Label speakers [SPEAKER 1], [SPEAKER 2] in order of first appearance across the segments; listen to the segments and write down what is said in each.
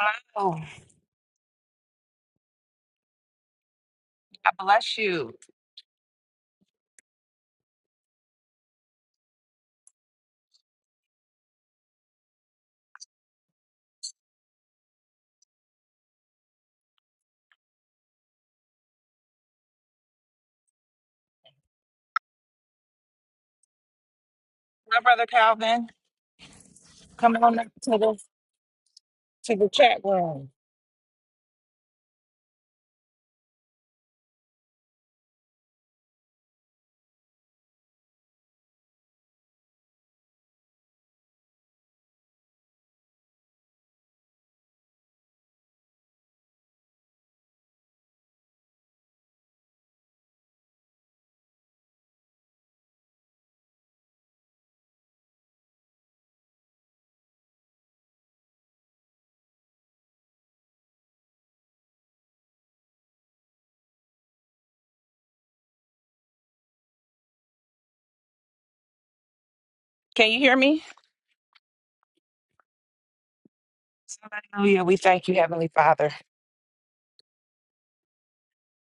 [SPEAKER 1] Hello. God bless you. My brother Calvin, come on up to the to the chat room. Can you hear me? Hallelujah. We thank you, Heavenly Father.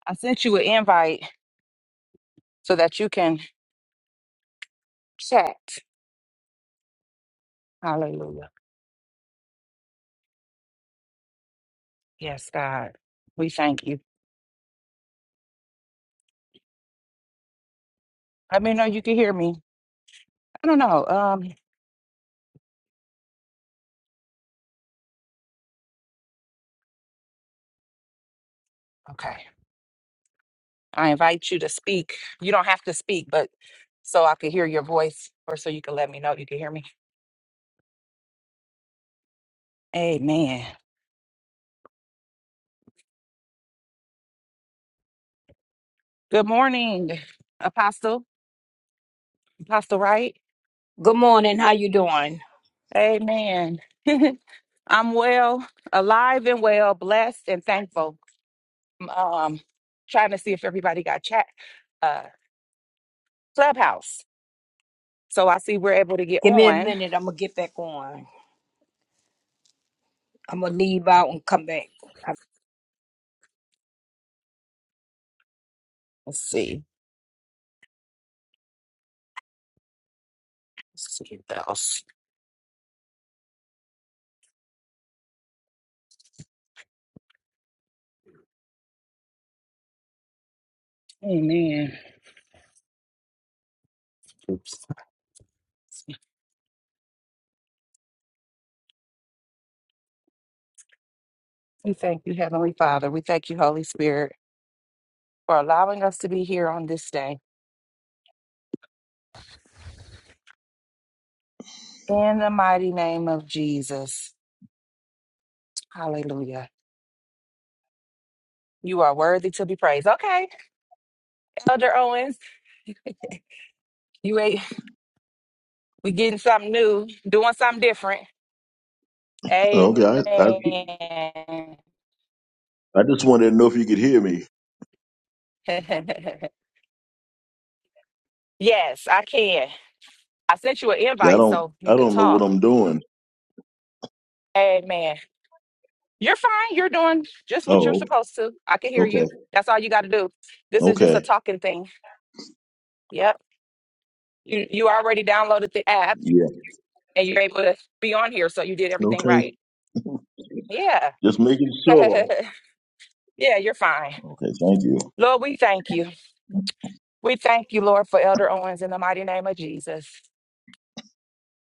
[SPEAKER 1] I sent you an invite so that you can chat. Hallelujah. Yes, God. We thank you. Let me know you can hear me. I don't know. Um, okay. I invite you to speak. You don't have to speak, but so I could hear your voice or so you can let me know you can hear me. Amen. Good morning, Apostle. Apostle, right?
[SPEAKER 2] Good morning. How you doing?
[SPEAKER 1] Amen. I'm well, alive and well, blessed and thankful. I'm, Um, trying to see if everybody got chat, uh, clubhouse. So I see we're able to get
[SPEAKER 2] Give me a
[SPEAKER 1] on.
[SPEAKER 2] minute. I'm gonna get back on. I'm gonna leave out and come back.
[SPEAKER 1] Let's see. Let's see what else. Amen. Oops. We thank you, Heavenly Father. We thank you, Holy Spirit, for allowing us to be here on this day. In the mighty name of Jesus. Hallelujah. You are worthy to be praised. Okay, Elder Owens, you ain't, we getting something new, doing something different.
[SPEAKER 3] Okay,
[SPEAKER 1] Amen.
[SPEAKER 3] I, I I just wanted to know if you could hear me.
[SPEAKER 1] yes, I can. I sent you an
[SPEAKER 3] Yeah, I
[SPEAKER 1] invite
[SPEAKER 3] don't
[SPEAKER 1] so
[SPEAKER 3] I
[SPEAKER 1] you could
[SPEAKER 3] don't know what
[SPEAKER 1] talk.
[SPEAKER 3] I'm doing.
[SPEAKER 1] Amen. You're fine. You're doing just what you're
[SPEAKER 3] Oh,
[SPEAKER 1] supposed to. I can hear
[SPEAKER 3] okay,
[SPEAKER 1] you. That's all you got to do. This is just a
[SPEAKER 3] okay,
[SPEAKER 1] talking thing. Yep. You you already downloaded the app
[SPEAKER 3] yeah,
[SPEAKER 1] and you're able to be on here, so you did everything
[SPEAKER 3] okay.
[SPEAKER 1] right. Yeah.
[SPEAKER 3] Just making sure.
[SPEAKER 1] yeah, you're fine.
[SPEAKER 3] Okay, thank you.
[SPEAKER 1] Lord, we thank you. We thank you, Lord, for Elder Owens in the mighty name of Jesus.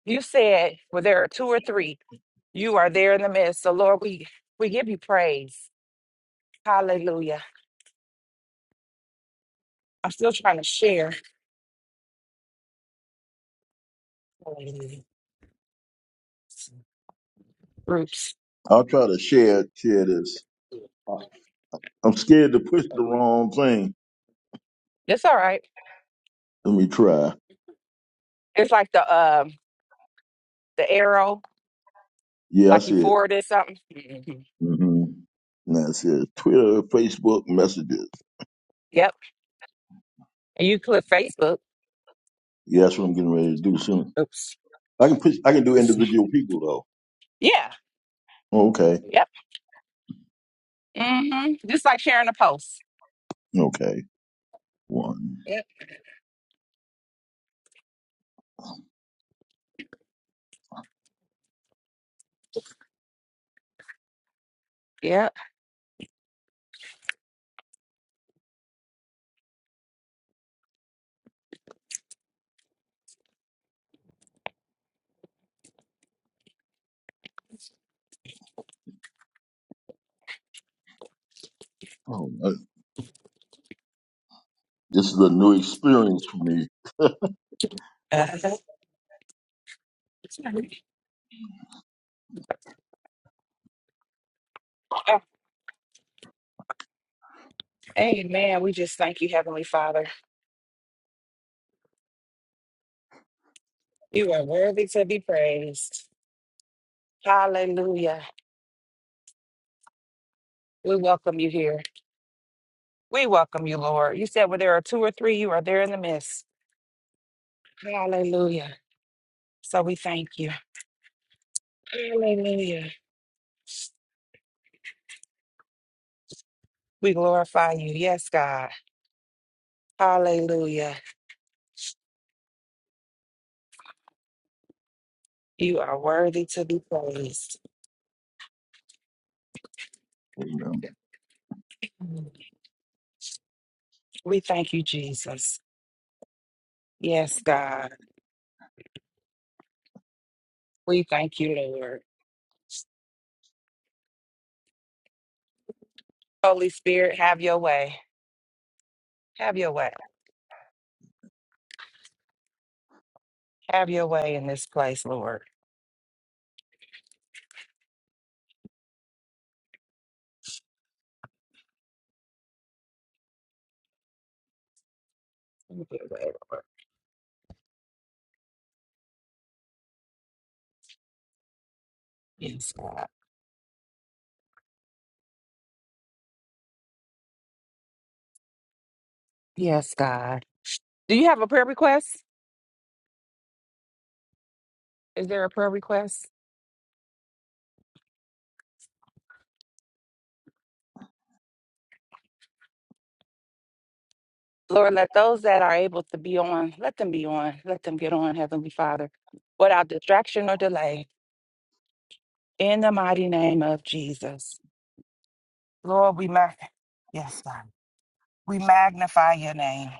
[SPEAKER 1] You said, well, there are two or three. You are there in the midst. So, Lord, we, we give you praise. Hallelujah. I'm still trying to share. Hallelujah. Groups.
[SPEAKER 3] I'll try to share share this. I'm scared to push the wrong thing.
[SPEAKER 1] It's all right.
[SPEAKER 3] Let me try.
[SPEAKER 1] It's like the um the arrow,
[SPEAKER 3] Yeah, I
[SPEAKER 1] like you
[SPEAKER 3] see it.
[SPEAKER 1] forwarded something. Mhm.
[SPEAKER 3] Mm-hmm. Now it says Twitter, Facebook messages.
[SPEAKER 1] Yep. And you click Facebook.
[SPEAKER 3] Yeah, that's what I'm getting ready to do soon.
[SPEAKER 1] Oops.
[SPEAKER 3] I can push. I can do
[SPEAKER 1] It's-
[SPEAKER 3] individual people though.
[SPEAKER 1] Yeah.
[SPEAKER 3] Okay,
[SPEAKER 1] Yep. hmm Just like sharing a post.
[SPEAKER 3] okay. One.
[SPEAKER 1] Yep. Yep.
[SPEAKER 3] Oh, I- this is a new experience for me.
[SPEAKER 1] Uh, Oh, amen. We just thank you, Heavenly Father. You are worthy to be praised. Hallelujah. We welcome you here. We welcome you, Lord. You said where there are two or three, you are there in the midst. Hallelujah. So we thank you. Hallelujah. We glorify you. Yes, God. Hallelujah. You are worthy to be praised.
[SPEAKER 3] Amen.
[SPEAKER 1] We thank you, Jesus. Yes, God. We thank you, Lord. Holy Spirit, have your way. Have your way. Have your way in this place, Lord. Have your way, Lord. Yes, God. Yes, God. Do you have a prayer request? Is there a prayer request? Lord, let those that are able to be on, let them be on. Let them get on, Heavenly Father, without distraction or delay. In the mighty name of Jesus. Lord, we mag- yes, God. We magnify your name.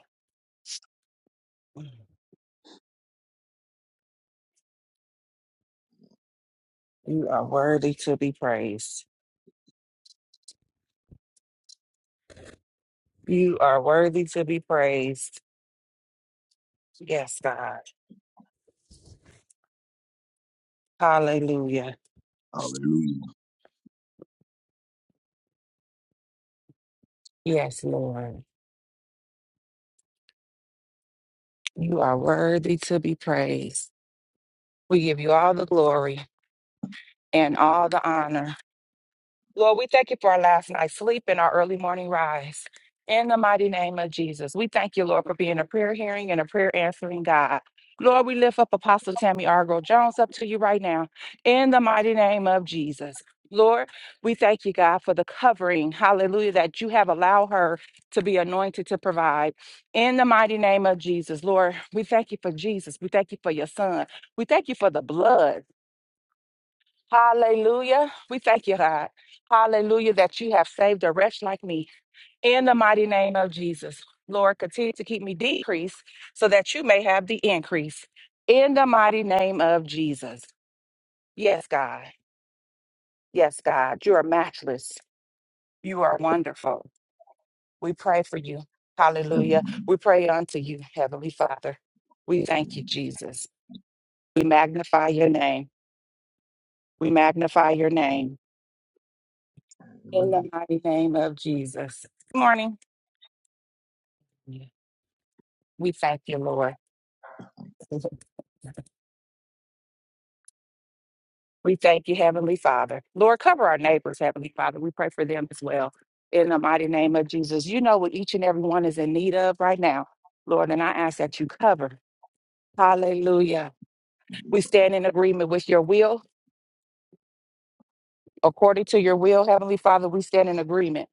[SPEAKER 1] You are worthy to be praised. You are worthy to be praised. Yes, God. Hallelujah.
[SPEAKER 3] Hallelujah.
[SPEAKER 1] Yes, Lord. You are worthy to be praised. We give you all the glory and all the honor. Lord, we thank you for our last night's sleep and our early morning rise. In the mighty name of Jesus, we thank you, Lord, for being a prayer hearing and a prayer answering God. Lord, we lift up Apostle Tammy Argo Jones up to you right now. In the mighty name of Jesus. Lord, we thank you, God, for the covering, hallelujah, that you have allowed her to be anointed to provide. In the mighty name of Jesus, Lord, we thank you for Jesus. We thank you for your son. We thank you for the blood. Hallelujah. We thank you, God. Hallelujah, that you have saved a wretch like me. In the mighty name of Jesus, Lord, continue to keep me decreased so that you may have the increase. In the mighty name of Jesus. Yes, God. Yes, God. You are matchless. You are wonderful. We pray for you. Hallelujah.
[SPEAKER 3] Amen.
[SPEAKER 1] We pray unto you, Heavenly Father. We thank you, Jesus. We magnify your name. We magnify your name. In
[SPEAKER 3] Amen.
[SPEAKER 1] the mighty name of Jesus. Good morning. Yeah. We thank you, Lord. We thank you, Heavenly Father. Lord, cover our neighbors, Heavenly Father. We pray for them as well. In the mighty name of Jesus, you know what each and every one is in need of right now, Lord, and I ask that you cover. Hallelujah. We stand in agreement with your will. According to your will, Heavenly Father, we stand in agreement.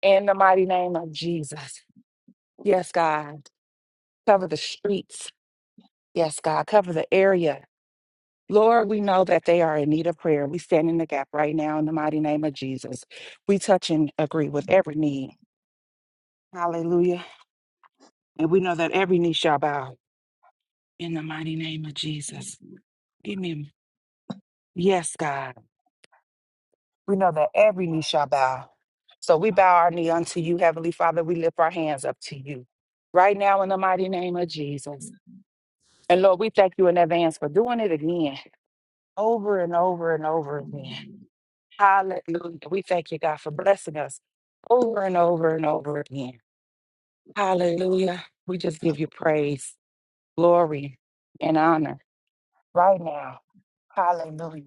[SPEAKER 1] In the mighty name of Jesus. Yes, God. Cover the streets. Yes, God. Cover the area. Lord, we know that they are in need of prayer. We stand in the gap right now in the mighty name of Jesus. We touch and agree with every need. Hallelujah. And we know that every knee shall bow in the mighty name of Jesus. Give me, yes, God. We know that every knee shall bow. So we bow our knee unto you, Heavenly Father. We lift our hands up to you right now in the mighty name of Jesus. And Lord, we thank you in advance for doing it again, over and over and over again. Hallelujah. We thank you, God, for blessing us over and over and over again. Hallelujah. We just give you praise, glory, and honor right now. Hallelujah.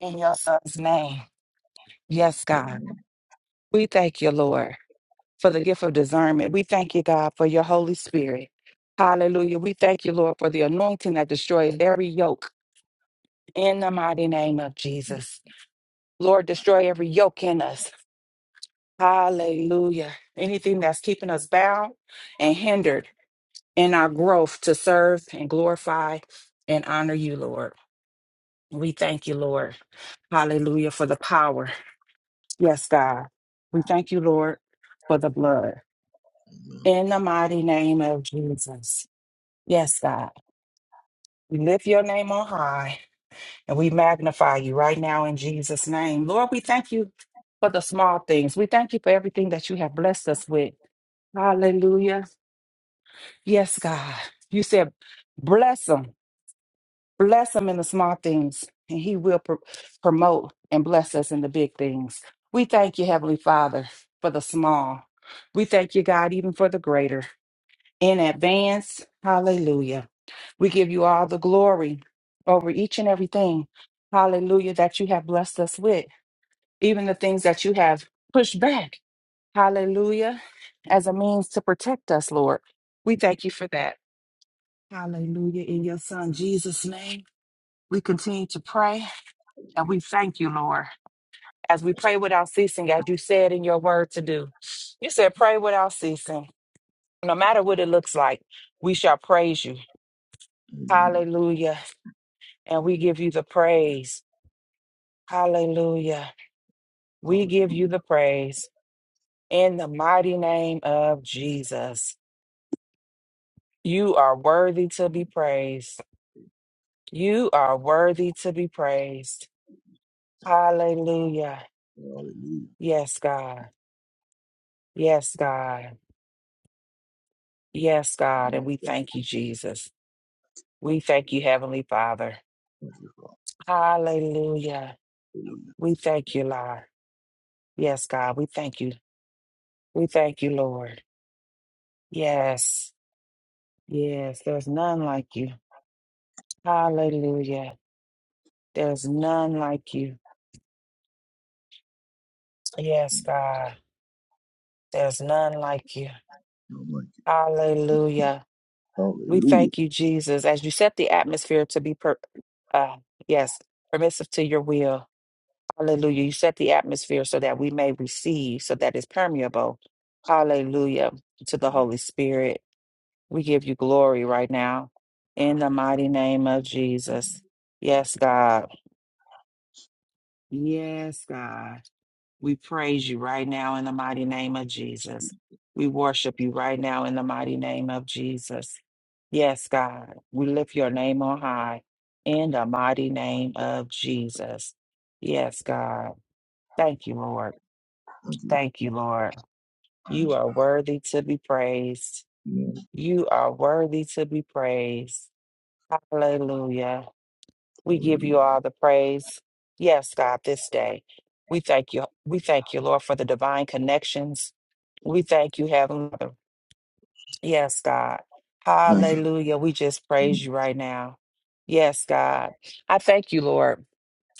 [SPEAKER 1] In your son's name. Yes, God. We thank you, Lord, for the gift of discernment. We thank you, God, for your Holy Spirit. Hallelujah. We thank you, Lord, for the anointing that destroys every yoke in the mighty name of Jesus. Lord, destroy every yoke in us. Hallelujah. Anything that's keeping us bound and hindered in our growth to serve and glorify and honor you, Lord. We thank you, Lord. Hallelujah for the power. Yes, God. We thank you, Lord, for the blood. In the mighty name of Jesus. Yes, God. We lift your name on high and we magnify you right now in Jesus' name. Lord, we thank you for the small things. We thank you for everything that you have blessed us with. Hallelujah. Yes, God. You said, bless them, bless them in the small things, and He will pr- promote and bless us in the big things. We thank you, Heavenly Father, for the small. We thank you, God, even for the greater. In advance, hallelujah. We give you all the glory over each and everything, hallelujah, that you have blessed us with, even the things that you have pushed back, hallelujah, as a means to protect us, Lord. We thank you for that. Hallelujah. In your son Jesus' name, we continue to pray and we thank you, Lord, as we pray without ceasing, as you said in your word to do. You said, pray without ceasing. No matter what it looks like, we shall praise you. Hallelujah. And we give you the praise. Hallelujah. We
[SPEAKER 3] Hallelujah.
[SPEAKER 1] give you the praise in the mighty name of Jesus. You are worthy to be praised. You are worthy to be praised. Hallelujah.
[SPEAKER 3] Hallelujah.
[SPEAKER 1] Yes, God. Yes, God. Yes, God. And we thank you, Jesus. We thank you, Heavenly Father.
[SPEAKER 3] Thank you, Father.
[SPEAKER 1] Hallelujah.
[SPEAKER 3] Hallelujah.
[SPEAKER 1] We thank you, Lord. Yes, God. We thank you. We thank you, Lord. Yes. Yes. There's none like you. Hallelujah. There's none like you. Yes, God. There's none like you.
[SPEAKER 3] No mic.
[SPEAKER 1] Hallelujah. We
[SPEAKER 3] Hallelujah.
[SPEAKER 1] thank you, Jesus, as you set the atmosphere to be per- uh, yes, permissive to your will. Hallelujah. You set the atmosphere so that we may receive, so that it's permeable. Hallelujah. To the Holy Spirit, we give you glory right now in the mighty name of Jesus. Yes, God. Yes, God. We praise you right now in the mighty name of Jesus. We worship you right now in the mighty name of Jesus. Yes, God. We lift your name on high in the mighty name of Jesus. Yes, God. Thank you, Lord.
[SPEAKER 3] Thank you.
[SPEAKER 1] Thank you, Lord.
[SPEAKER 3] Thank
[SPEAKER 1] You
[SPEAKER 3] you.
[SPEAKER 1] are worthy to be praised.
[SPEAKER 3] Amen.
[SPEAKER 1] You are worthy to be praised. Hallelujah. We give you
[SPEAKER 3] Hallelujah.
[SPEAKER 1] all the praise. Yes, God, this day. We thank you. We thank you, Lord, for the divine connections. We thank you, Heavenly Father. Yes, God.
[SPEAKER 3] Thank you.
[SPEAKER 1] Hallelujah. We just praise you right now. Yes, God. I thank you, Lord.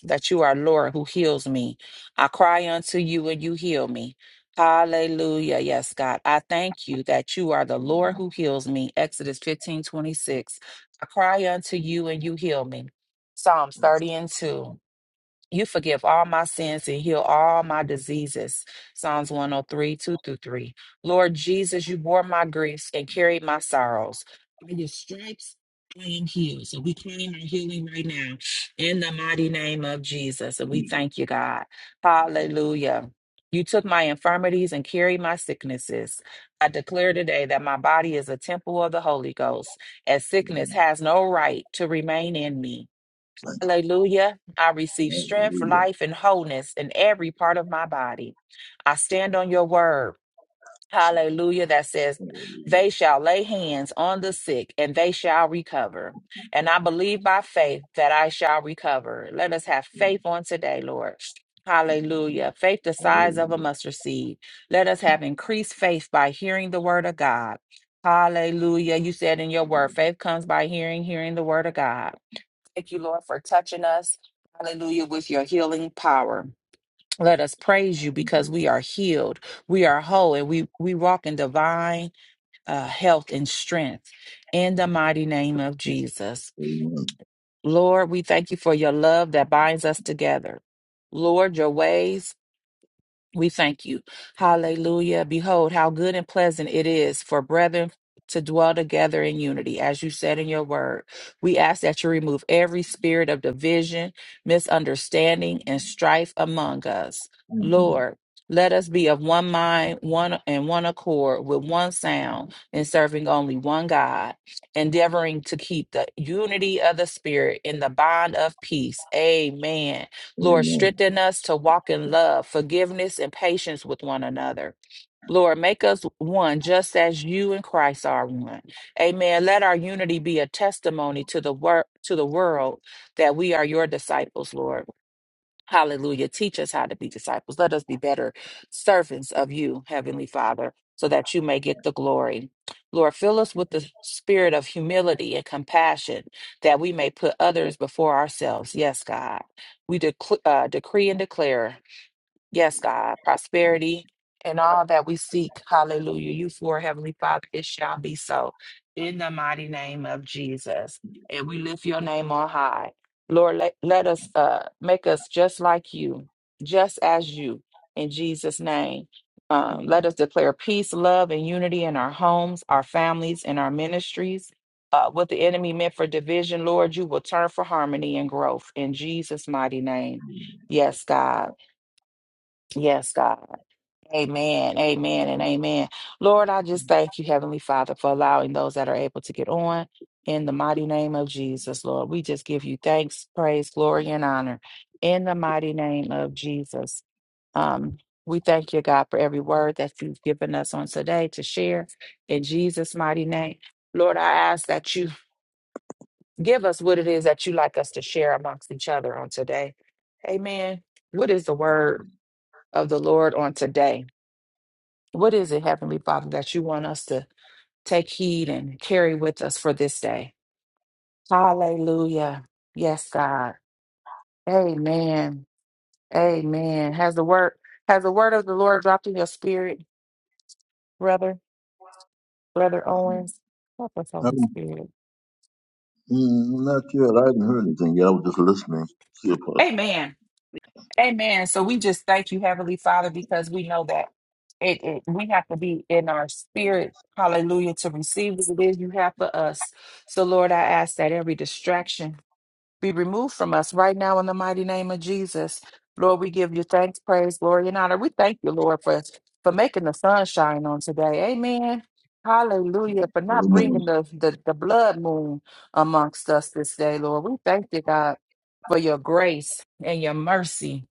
[SPEAKER 1] that you are Lord who heals me. I cry unto you and you heal me. Hallelujah. Yes, God. I thank you that you are the Lord who heals me. Exodus 15 26. I cry unto you and you heal me. Psalms 30 and 2. You forgive all my sins and heal all my diseases. Psalms 103, 2 through 3. Lord Jesus, you bore my griefs and carried my sorrows. By your stripes, I am healed. So we claim our healing right now in the mighty name of Jesus. And we thank you, God. Hallelujah. You took my infirmities and carried my sicknesses. I declare today that my body is a temple of the Holy Ghost, and sickness has no right to remain in me.
[SPEAKER 3] Thank you.
[SPEAKER 1] Hallelujah. I receive strength,
[SPEAKER 3] Hallelujah.
[SPEAKER 1] life, and wholeness in every part of my body. I stand on your word.
[SPEAKER 3] So,
[SPEAKER 1] Hallelujah. That says,
[SPEAKER 3] Hallelujah.
[SPEAKER 1] they shall lay hands on the sick and they shall recover. And I believe by faith that I shall recover. Let us have faith on today, Lord. Hallelujah. Faith the size of a
[SPEAKER 3] Hallelujah.
[SPEAKER 1] mustard seed. Let us have increased faith by hearing the word of God. Hallelujah. You said in your word, faith comes by hearing, hearing the word of God. Thank you, Lord, for touching us. Hallelujah, with your healing power. Let us praise you because we are healed, we are whole, and we, we walk in divine uh, health and strength in the mighty name of Jesus.
[SPEAKER 3] Amen.
[SPEAKER 1] Lord, we thank you for your love that binds us together. Lord, your ways we thank you. Hallelujah. Behold, how good and pleasant it is for brethren to dwell together in unity, as you said in your word. We ask that you remove every spirit of division, misunderstanding, and strife among us.
[SPEAKER 3] Mhm.
[SPEAKER 1] Lord, let us be of one mind, one and one accord, with one sound, and serving only one God, endeavoring to keep the unity of the Spirit in the bond of peace. Amen. Lord,
[SPEAKER 3] Amen.
[SPEAKER 1] strengthen us to walk in love, forgiveness, and patience with one another. Lord, make us one just as you and Christ are one. Amen. Let our unity be a testimony to the world to the world that we are your disciples, Lord. Hallelujah. Teach us how to be disciples. Let us be better servants of you, Heavenly Father, so that you may get the glory. Lord, fill us with the spirit of humility and compassion that we may put others before ourselves. Yes, God. We dec- uh, decree and declare Yes, God, prosperity and all that we seek. Hallelujah. You for Heavenly Father, it shall be so in the mighty name of Jesus. And we lift your name on high. Lord, let, let us uh, make us just like you, just as you, in Jesus' name. Um, let us declare peace, love, and unity in our homes, our families, and our ministries. Uh, what the enemy meant for division, Lord, you will turn for harmony and growth in Jesus' mighty name. Yes, God. Yes, God. Amen. Amen. And amen. Lord, I just thank you, Heavenly Father, for allowing those that are able to get on in the mighty name of Jesus, Lord. We just give you thanks, praise, glory, and honor in the mighty name of Jesus. Um, we thank you, God, for every word that you've given us on today to share in Jesus' mighty name. Lord, I ask that you give us what it is that you like us to share amongst each other on today. Amen. What is the word of the Lord on today? What is it, Heavenly Father, that you want us to take heed and carry with us for this day? Hallelujah. Yes, God. Amen. Amen. Has the word has the word of the Lord dropped in your spirit, brother, brother Owens? Help us,
[SPEAKER 3] I'm
[SPEAKER 1] Holy Spirit.
[SPEAKER 3] mm, not yet. I haven't heard anything yet. I was just listening. Here, part.
[SPEAKER 1] Amen. Amen. So we just thank you, Heavenly Father, because we know that it, it we have to be in our spirit, hallelujah, to receive what it is you have for us. So Lord, I ask that every distraction be removed from us right now in the mighty name of Jesus. Lord, we give you thanks, praise, glory, and honor. We thank you, Lord, for, for making the sun shine on today. Amen. Hallelujah. For not
[SPEAKER 3] Amen.
[SPEAKER 1] bringing the, the, the blood moon amongst us this day, Lord. We thank you, God, for your grace and your mercy.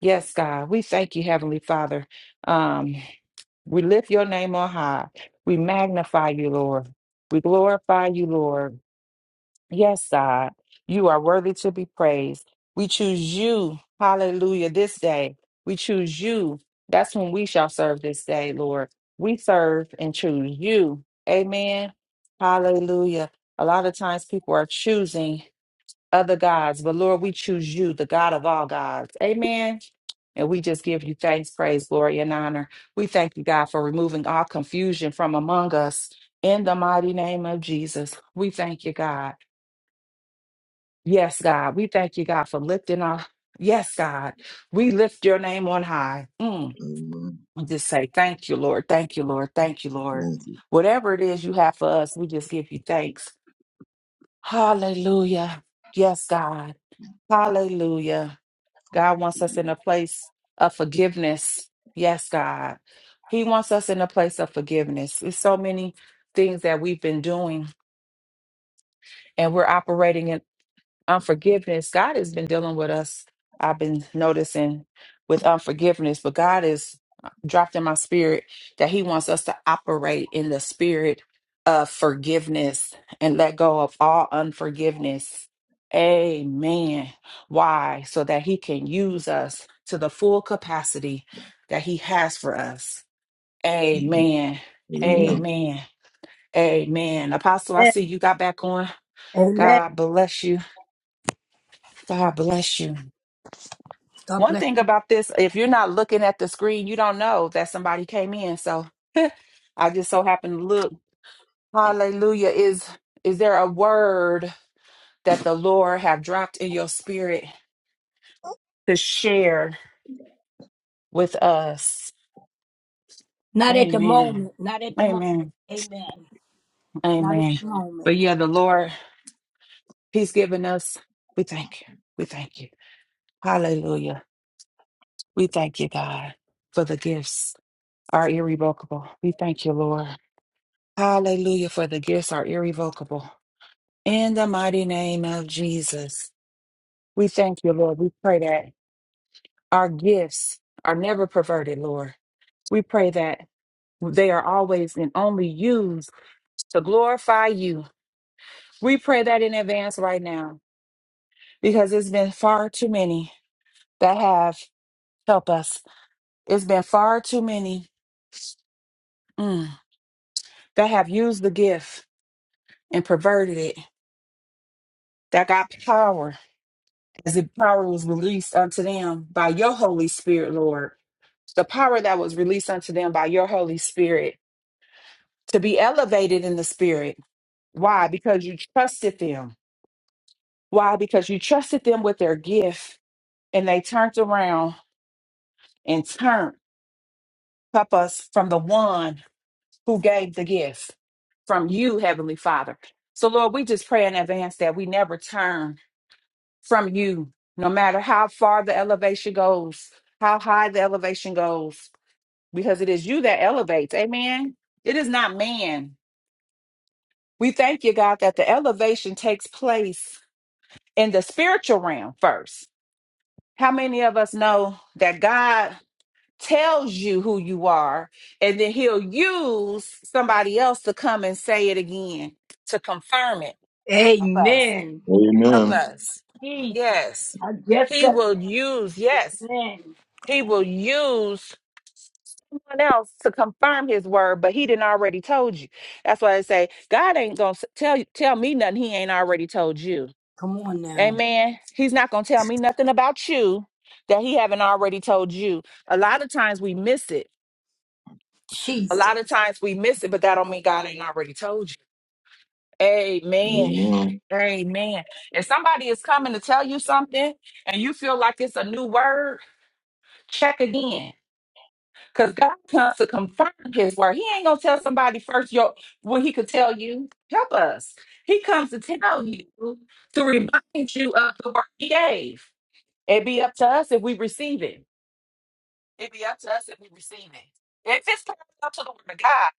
[SPEAKER 1] Yes, God. We thank you, Heavenly Father. Um, we lift your name on high. We magnify you, Lord. We glorify you, Lord. Yes, God, you are worthy to be praised. We choose you. Hallelujah. This day, we choose you. That's when we shall serve this day, Lord. We serve and choose you. Amen. Hallelujah. A lot of times people are choosing other gods, but Lord, we choose you, the God of all gods. Amen. And we just give you thanks, praise, glory, and honor. We thank you, God, for removing all confusion from among us in the mighty name of Jesus. We thank you, God. Yes, God. We thank you, God, for lifting our. Yes, God. We lift your name on high. Mm.
[SPEAKER 3] Amen.
[SPEAKER 1] We just say, thank you, Lord. Thank you, Lord. Thank you, Lord.
[SPEAKER 3] Thank you.
[SPEAKER 1] Whatever it is you have for us, we just give you thanks. Hallelujah. Yes, God. Hallelujah. God wants us in a place of forgiveness. Yes, God. He wants us in a place of forgiveness. There's so many things that we've been doing, and we're operating in. unforgiveness. God has been dealing with us. I've been noticing with unforgiveness, but God has dropped in my spirit that He wants us to operate in the spirit of forgiveness and let go of all unforgiveness. Amen. Why? So that He can use us to the full capacity that He has for us.
[SPEAKER 3] Mhm.
[SPEAKER 1] Amen.
[SPEAKER 3] Amen.
[SPEAKER 1] Amen. Amen. Apostle, I
[SPEAKER 2] Amen.
[SPEAKER 1] see you got back on.
[SPEAKER 2] Amen.
[SPEAKER 1] God bless you. God bless you.
[SPEAKER 2] God
[SPEAKER 1] One
[SPEAKER 2] bless.
[SPEAKER 1] thing about this, if you're not looking at the screen, you don't know that somebody came in. So I just so happened to look. Hallelujah. Is is there a word that the Lord have dropped in your spirit to share with us?
[SPEAKER 2] Not at the
[SPEAKER 1] Amen.
[SPEAKER 2] moment. Not at the moment.
[SPEAKER 1] Amen.
[SPEAKER 2] Amen. Not at
[SPEAKER 1] Amen.
[SPEAKER 2] the moment.
[SPEAKER 1] But yeah, the Lord, He's given us. We thank you. We thank you. Hallelujah. We thank you, God, for the gifts are irrevocable. We thank you, Lord. Hallelujah, for the gifts are irrevocable. In the mighty name of Jesus, we thank you, Lord. We pray that our gifts are never perverted, Lord. We pray that they are always and only used to glorify you. We pray that in advance right now because it's been far too many that have helped us. It's been far too many mm, that have used the gift and perverted it, that got power as the power was released unto them by your Holy Spirit, Lord. The power that was released unto them by your Holy Spirit to be elevated in the Spirit. Why? Because you trusted them. Why? Because you trusted them with their gift and they turned around and turned, help us, from the one who gave the gift, from you, Heavenly Father. So, Lord, we just pray in advance that we never turn from you, no matter how far the elevation goes, how high the elevation goes because it is you that elevates. Amen. It is not man. We thank you, God, that the elevation takes place in the spiritual realm first. How many of us know that God tells you who you are, and then He'll use somebody else to come and say it again to confirm it? Help us.
[SPEAKER 2] Amen.
[SPEAKER 1] Help
[SPEAKER 3] Amen.
[SPEAKER 1] us.
[SPEAKER 2] Jesus.
[SPEAKER 1] Yes.
[SPEAKER 2] I just
[SPEAKER 1] He
[SPEAKER 2] said
[SPEAKER 1] will
[SPEAKER 2] that.
[SPEAKER 1] use, yes,
[SPEAKER 2] Amen.
[SPEAKER 1] He will use someone else to confirm his word, but he didn't already told you. That's why I say God ain't gonna s- tell you tell me nothing he ain't already told you.
[SPEAKER 2] Come on now.
[SPEAKER 1] Amen. He's not gonna tell me nothing about you that he haven't already told you. A lot of times we miss it. A
[SPEAKER 2] Jesus.
[SPEAKER 1] lot of times we miss it, but that don't mean God ain't already told you. Amen.
[SPEAKER 3] Amen.
[SPEAKER 1] Amen. If somebody is coming to tell you something and you feel like it's a new word, check again Because God comes to confirm his word. He ain't gonna tell somebody first your when he could tell you, help us. He comes to tell you to remind you of the word he gave. It'd be up to us if we receive it. It'd be up to us if we receive it. If it's parallel to the word of God,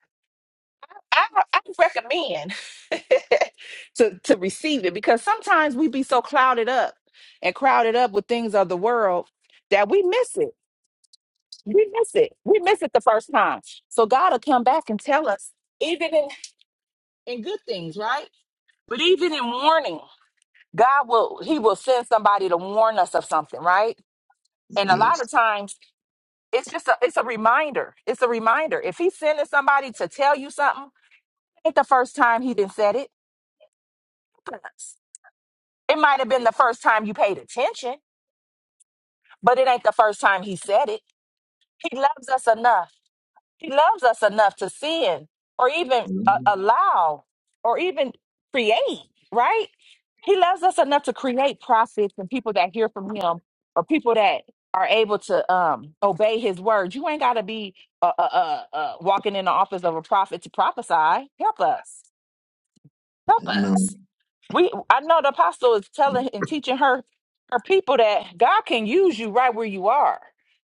[SPEAKER 1] I, I recommend to, to receive it because sometimes we be so clouded up and crowded up with things of the world that we miss it We miss it. We miss it the first time. So God will come back and tell us, even in, in good things, right? But even in warning, God will He will send somebody to warn us of something, right? And a lot
[SPEAKER 3] Yes.
[SPEAKER 1] of times it's just a it's a reminder. It's a reminder. If he's sending somebody to tell you something, ain't the first time he didn't said it. It might have been the first time you paid attention, but it ain't the first time he said it. He loves us enough. He loves us enough to sin or even uh,
[SPEAKER 3] Amen.
[SPEAKER 1] allow or even create, right? He loves us enough to create prophets and people that hear from him or people that are able to um, obey his word. You ain't got to be uh, uh, uh, uh, walking in the office of a prophet to prophesy. Help us. Help us. We I know the apostle is telling and teaching her her people that God can use you right where you are.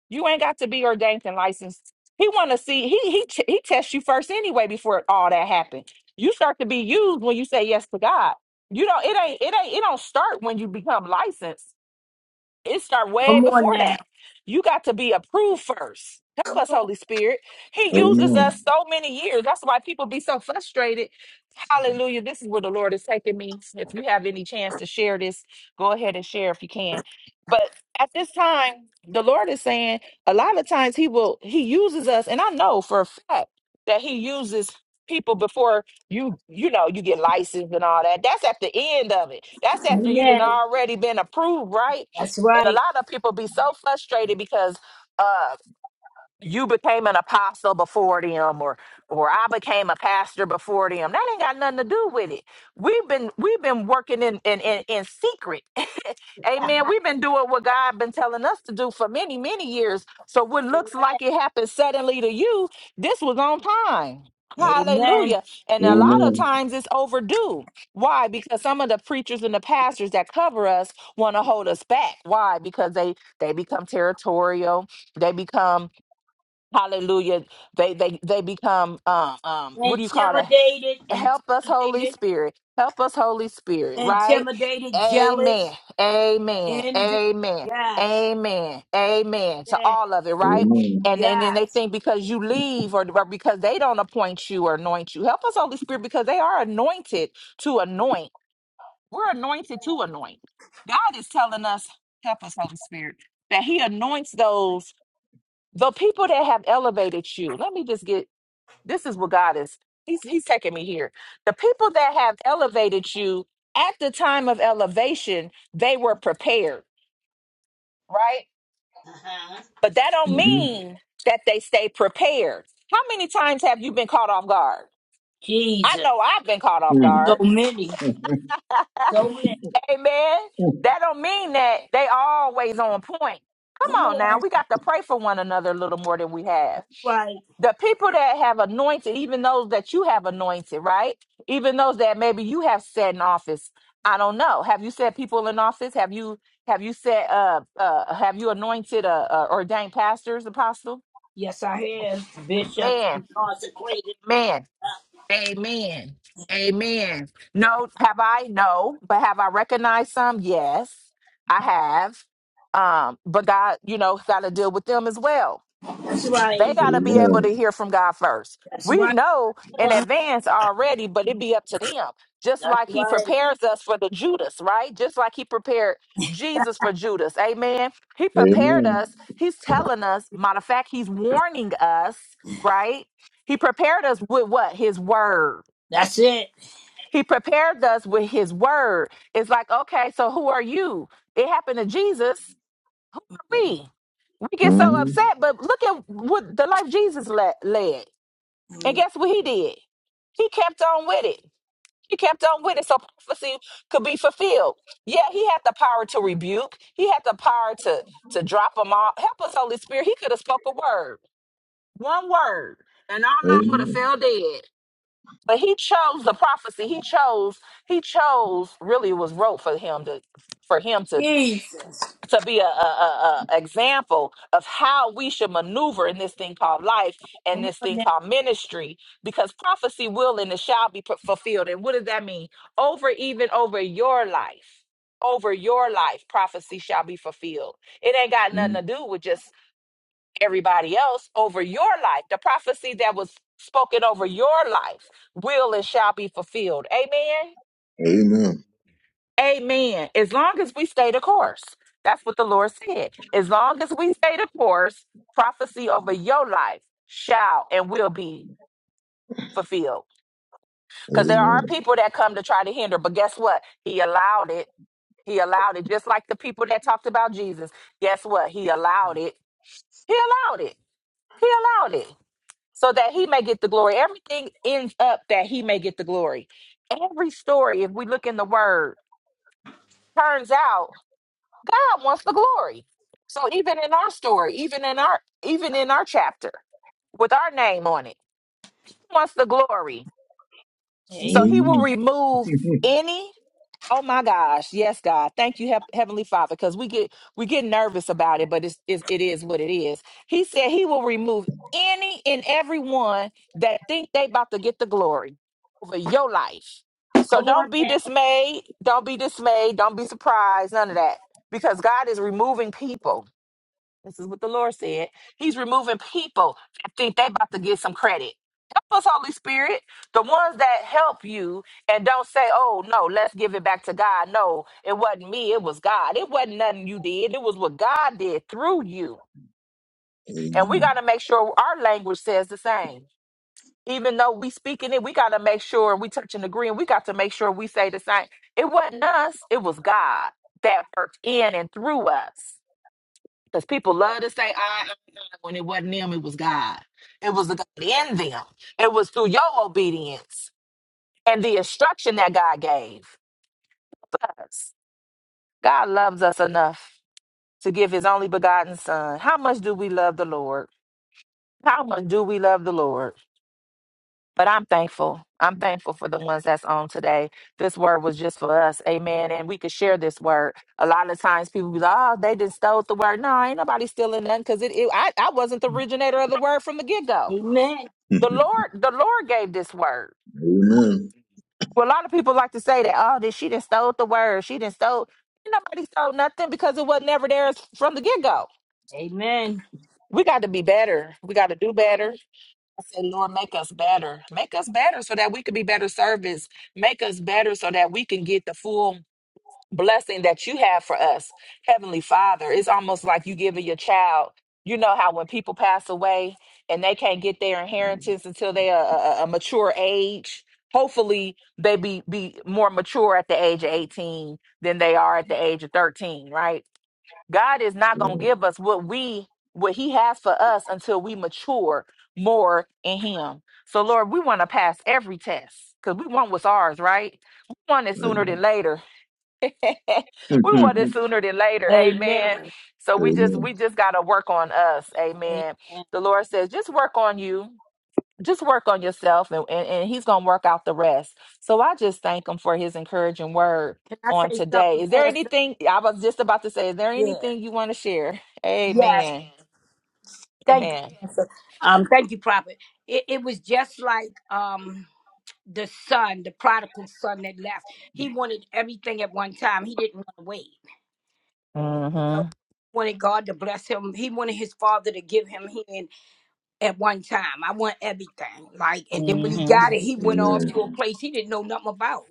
[SPEAKER 1] You ain't got to be ordained and licensed. He want to see he he t- he tests you first anyway before all that happened. You start to be used when you say yes to God. You don't it ain't it ain't it don't start when you become licensed it start way
[SPEAKER 2] Come on
[SPEAKER 1] before
[SPEAKER 2] now.
[SPEAKER 1] that. You got to be approved first. Help us, Holy Spirit. He uses
[SPEAKER 3] Amen.
[SPEAKER 1] us so many years. That's why people be so frustrated. Hallelujah. This is where the Lord is taking me. If you have any chance to share this, go ahead and share if you can. But at this time, the Lord is saying a lot of times He will, He uses us. And I know for a fact that He uses people before you you know you get licensed and all that that's at the end of it that's after you done
[SPEAKER 2] Amen.
[SPEAKER 1] already been approved right
[SPEAKER 2] That's
[SPEAKER 1] and a
[SPEAKER 2] right.
[SPEAKER 1] lot of people be so frustrated because uh you became an apostle before them or or I became a pastor before them. That ain't got nothing to do with it. We've been we've been working in in in, in secret. Amen. We've been doing what God been telling us to do for many, many years. So what looks like it happened suddenly to you, this was on time.
[SPEAKER 2] Amen.
[SPEAKER 1] Hallelujah. And a lot of
[SPEAKER 3] Amen.
[SPEAKER 1] times it's overdue. Why? Because some of the preachers and the pastors that cover us want to hold us back. Why? Because they they become territorial. They become Hallelujah. They they they become um um what do you call that?
[SPEAKER 2] Intimidated,
[SPEAKER 1] Help us, Holy
[SPEAKER 2] intimidated,
[SPEAKER 1] Spirit. Help us, Holy Spirit, right?
[SPEAKER 2] intimidated,
[SPEAKER 1] Amen.
[SPEAKER 2] jealous,
[SPEAKER 1] Amen.
[SPEAKER 2] envy.
[SPEAKER 1] Amen.
[SPEAKER 2] Yes.
[SPEAKER 1] Amen. Amen. To
[SPEAKER 2] Yes.
[SPEAKER 1] all of it, right?
[SPEAKER 3] Amen.
[SPEAKER 1] And and then they
[SPEAKER 2] Yes.
[SPEAKER 1] think because you leave or, or because they don't appoint you or anoint you. Help us, Holy Spirit, because they are anointed to anoint. We're anointed to anoint. God is telling us, help us, Holy Spirit, that He anoints those the people that have elevated you let me just get this is what god is he's, he's taking me here the people that have elevated you at the time of elevation they were prepared right
[SPEAKER 2] Uh-huh.
[SPEAKER 1] but that don't
[SPEAKER 3] Mm-hmm.
[SPEAKER 1] mean that they stay prepared how many times have you been caught off guard i
[SPEAKER 2] Jesus.
[SPEAKER 1] know i've been caught off
[SPEAKER 2] So
[SPEAKER 3] Mm.
[SPEAKER 1] guard
[SPEAKER 2] many. So many.
[SPEAKER 1] amen that don't mean that they always on point
[SPEAKER 2] Come
[SPEAKER 1] come on
[SPEAKER 2] on.
[SPEAKER 1] now
[SPEAKER 2] That's
[SPEAKER 1] we got to pray for one another a little more than we have
[SPEAKER 2] right.
[SPEAKER 1] the people that have anointed, even those that you have anointed, right? Even those that maybe you have set in office. I don't know. Have you set people in office? Have you have you set uh uh have you anointed uh, uh ordained pastors, apostle?
[SPEAKER 2] Yes, I have. Bishops
[SPEAKER 1] Man,
[SPEAKER 2] and consecrated.
[SPEAKER 1] man, amen, amen. No, have I? No, but have I recognized some? Yes, I have. Um, but God, you know, got to deal with them as well
[SPEAKER 2] That's
[SPEAKER 1] They
[SPEAKER 2] right.
[SPEAKER 1] got to be able
[SPEAKER 3] Amen.
[SPEAKER 1] to hear from God first.
[SPEAKER 2] That's
[SPEAKER 1] We
[SPEAKER 2] right.
[SPEAKER 1] know in
[SPEAKER 2] That's
[SPEAKER 1] advance already, but it be up to them. Just like he
[SPEAKER 2] right.
[SPEAKER 1] prepares us for the Judas, right? Just like he prepared Jesus for Judas. Amen. He prepared
[SPEAKER 3] Amen.
[SPEAKER 1] us. He's telling us, matter of fact, he's warning us, right? He prepared us with what? His word.
[SPEAKER 2] That's it.
[SPEAKER 1] He prepared us with his word. It's like, okay, so who are you? It happened to Jesus. We. We get so
[SPEAKER 3] Mm-hmm.
[SPEAKER 1] upset, but look at what the life Jesus le- led. And guess what he did? He kept on with it. He kept on with it so prophecy could be fulfilled. Yeah, he had the power to rebuke. He had the power to to drop them all. Help us, Holy Spirit. He could have spoke a word, one word, and all of them would have
[SPEAKER 3] Amen.
[SPEAKER 1] fell dead. But he chose the prophecy. He chose. He chose. Really, it was wrote for him to for him to
[SPEAKER 2] Jesus.
[SPEAKER 1] to be a, a, a, a example of how we should maneuver in this thing called life and
[SPEAKER 2] Come
[SPEAKER 1] this
[SPEAKER 2] on
[SPEAKER 1] thing
[SPEAKER 2] now.
[SPEAKER 1] called ministry because prophecy will and it shall be pu- fulfilled and what does that mean over even over your life over your life prophecy shall be fulfilled it ain't got nothing to
[SPEAKER 3] Amen.
[SPEAKER 1] do with just everybody else over your life the prophecy that was spoken over your life will and shall be fulfilled amen
[SPEAKER 3] Amen.
[SPEAKER 1] Amen. As long as we stay the course, that's what the Lord said. As long as we stay the course, prophecy over your life shall and will be fulfilled. Because there are
[SPEAKER 3] Amen.
[SPEAKER 1] people that come to try to hinder, but guess what? He allowed it. He allowed it. Just like the people that talked about Jesus. Guess what? He allowed it. He allowed it. He allowed it. So that he may get the glory. Everything ends up that he may get the glory. Every story, if we look in the word, turns out God wants the glory. So even in our story, even in our even in our chapter with our name on it, he wants the glory. So
[SPEAKER 2] Amen.
[SPEAKER 1] he
[SPEAKER 3] Amen.
[SPEAKER 1] will remove any Oh my gosh! Yes, God, thank you, Hev- Heavenly Father, because we get we get nervous about it, but it's, it's it is what it is. He said He will remove any and everyone that think they about to get the glory over your life. So
[SPEAKER 2] Come on
[SPEAKER 1] don't be
[SPEAKER 2] now.
[SPEAKER 1] dismayed, don't be dismayed, don't be surprised, none of that, because God is removing people this is what the Lord said. He's removing people that think they about to get some credit. Help us, Holy Spirit. The ones that help you and don't say, oh, no, let's give it back to God. No, it wasn't me. It was God. It wasn't nothing you did. It was what God did through you. And we got to make sure our language says the same. Even though we speaking it, we got to make sure we touch and agree. And we got to make sure we say the same. It wasn't us. It was God that worked in and through us. Because people love to say, I, I, I," when it wasn't them, it was God. It was the God in them. It was through your obedience and the instruction that God gave us. God loves us enough to give his only begotten son. How much do we love the Lord? How much do we love the Lord? But I'm thankful. I'm thankful for the ones that's on today. This word was just for us. Amen. And we could share this word. A lot of times people be like, oh, they just stole the word. No, ain't nobody stealing nothing because it, it I, I wasn't the originator of the word from the get-go.
[SPEAKER 2] Amen.
[SPEAKER 1] The Lord, the Lord gave this word.
[SPEAKER 3] Amen. Amen.
[SPEAKER 1] Well, a lot of people like to say that, oh, that she didn't stole the word. She didn't stole ain't nobody stole nothing because it was never theirs from the get-go.
[SPEAKER 2] Amen.
[SPEAKER 1] We got to be better. We got to do better I say, Lord, make us better. Make us better so that we can be better servants. Make us better so that we can get the full blessing that you have for us. Heavenly Father, it's almost like you giving your child, you know how when people pass away and they can't get their inheritance until they are a, a a mature age. Hopefully they be be more mature at the age of 18 than they are at the age of 13, right? God is not going to give us what we what he has for us until we mature more in him. So Lord, we want to pass every test cuz we want what's ours, right? We want it sooner
[SPEAKER 3] Amen.
[SPEAKER 1] than later. we want it sooner than later. Amen.
[SPEAKER 2] Amen.
[SPEAKER 1] So we just
[SPEAKER 3] Amen.
[SPEAKER 1] we just got to work on us.
[SPEAKER 2] Amen.
[SPEAKER 1] Amen.
[SPEAKER 2] Can
[SPEAKER 1] The Lord says, "Just work on you just work on yourself and, and, and he's going to work out the rest. So I just thank him for his encouraging word
[SPEAKER 2] I
[SPEAKER 1] on
[SPEAKER 2] say
[SPEAKER 1] today.
[SPEAKER 2] something,
[SPEAKER 1] Is there
[SPEAKER 2] Pastor?
[SPEAKER 1] anything I was just about to say? Is there
[SPEAKER 2] Yeah.
[SPEAKER 1] anything you want to share?
[SPEAKER 2] Yes.
[SPEAKER 1] Amen.
[SPEAKER 2] Thank you,
[SPEAKER 1] Amen.
[SPEAKER 2] Pastor. Um, thank you, Prophet. It, it was just like um the son, the prodigal son that left. He wanted everything at one time. He didn't want to wait. You know,
[SPEAKER 1] Mm-hmm.
[SPEAKER 2] wanted God to bless him. He wanted his father to give him hand at one time. I want everything. Like, and then when he
[SPEAKER 1] Mm-hmm.
[SPEAKER 2] got it, he went off to a place he didn't know nothing about.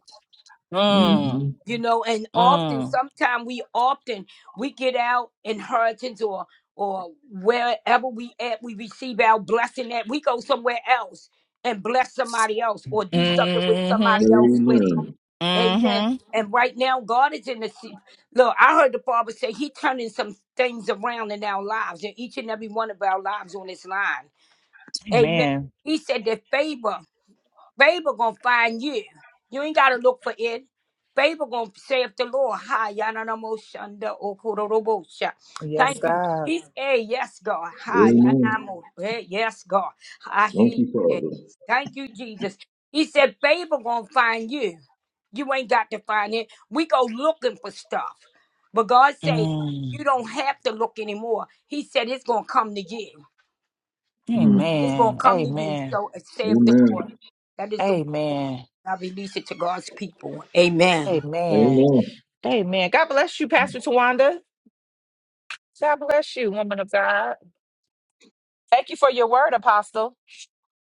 [SPEAKER 3] Mm-hmm.
[SPEAKER 1] Mm.
[SPEAKER 2] you know and often
[SPEAKER 1] Mm.
[SPEAKER 2] sometimes we often we get our inheritance or or wherever we at we receive our blessing at we go somewhere else and bless somebody else or do something with
[SPEAKER 1] Mm-hmm.
[SPEAKER 2] somebody else with it
[SPEAKER 3] Amen.
[SPEAKER 2] amen
[SPEAKER 1] Mm-hmm.
[SPEAKER 2] and right now god is in the se- look i heard the father say he turning some things around in our lives in each and every one of our lives on this line amen
[SPEAKER 1] Amen.
[SPEAKER 2] he said that favor Favor gonna find you. You ain't gotta look for it. Favor gonna save the Lord. Hi, Yanamo Shanda Okurobosha.
[SPEAKER 1] Yes,
[SPEAKER 2] Thank you.
[SPEAKER 1] God.
[SPEAKER 2] He's a yes, God. Hi,
[SPEAKER 3] Amen.
[SPEAKER 2] Yanamo. Hey, Yes, God. I
[SPEAKER 3] Thank
[SPEAKER 2] hear
[SPEAKER 3] you,
[SPEAKER 2] you.
[SPEAKER 3] Father.
[SPEAKER 2] Thank you, Jesus. He said, favor gonna find you. You ain't got to find it. We go looking for stuff. But God said,
[SPEAKER 1] Mm.
[SPEAKER 2] you don't have to look anymore. He said, it's gonna come to you.
[SPEAKER 3] Mm.
[SPEAKER 2] It's gonna
[SPEAKER 1] Amen.
[SPEAKER 2] come to you.
[SPEAKER 1] Amen.
[SPEAKER 2] So accept the
[SPEAKER 3] Amen.
[SPEAKER 2] Lord. That is the word. that
[SPEAKER 1] Amen.
[SPEAKER 2] I release it to God's people. Amen.
[SPEAKER 1] Amen.
[SPEAKER 3] Amen.
[SPEAKER 1] Amen. God bless you, Pastor Tawanda. God bless you, woman of God. Thank you for your word, Apostle.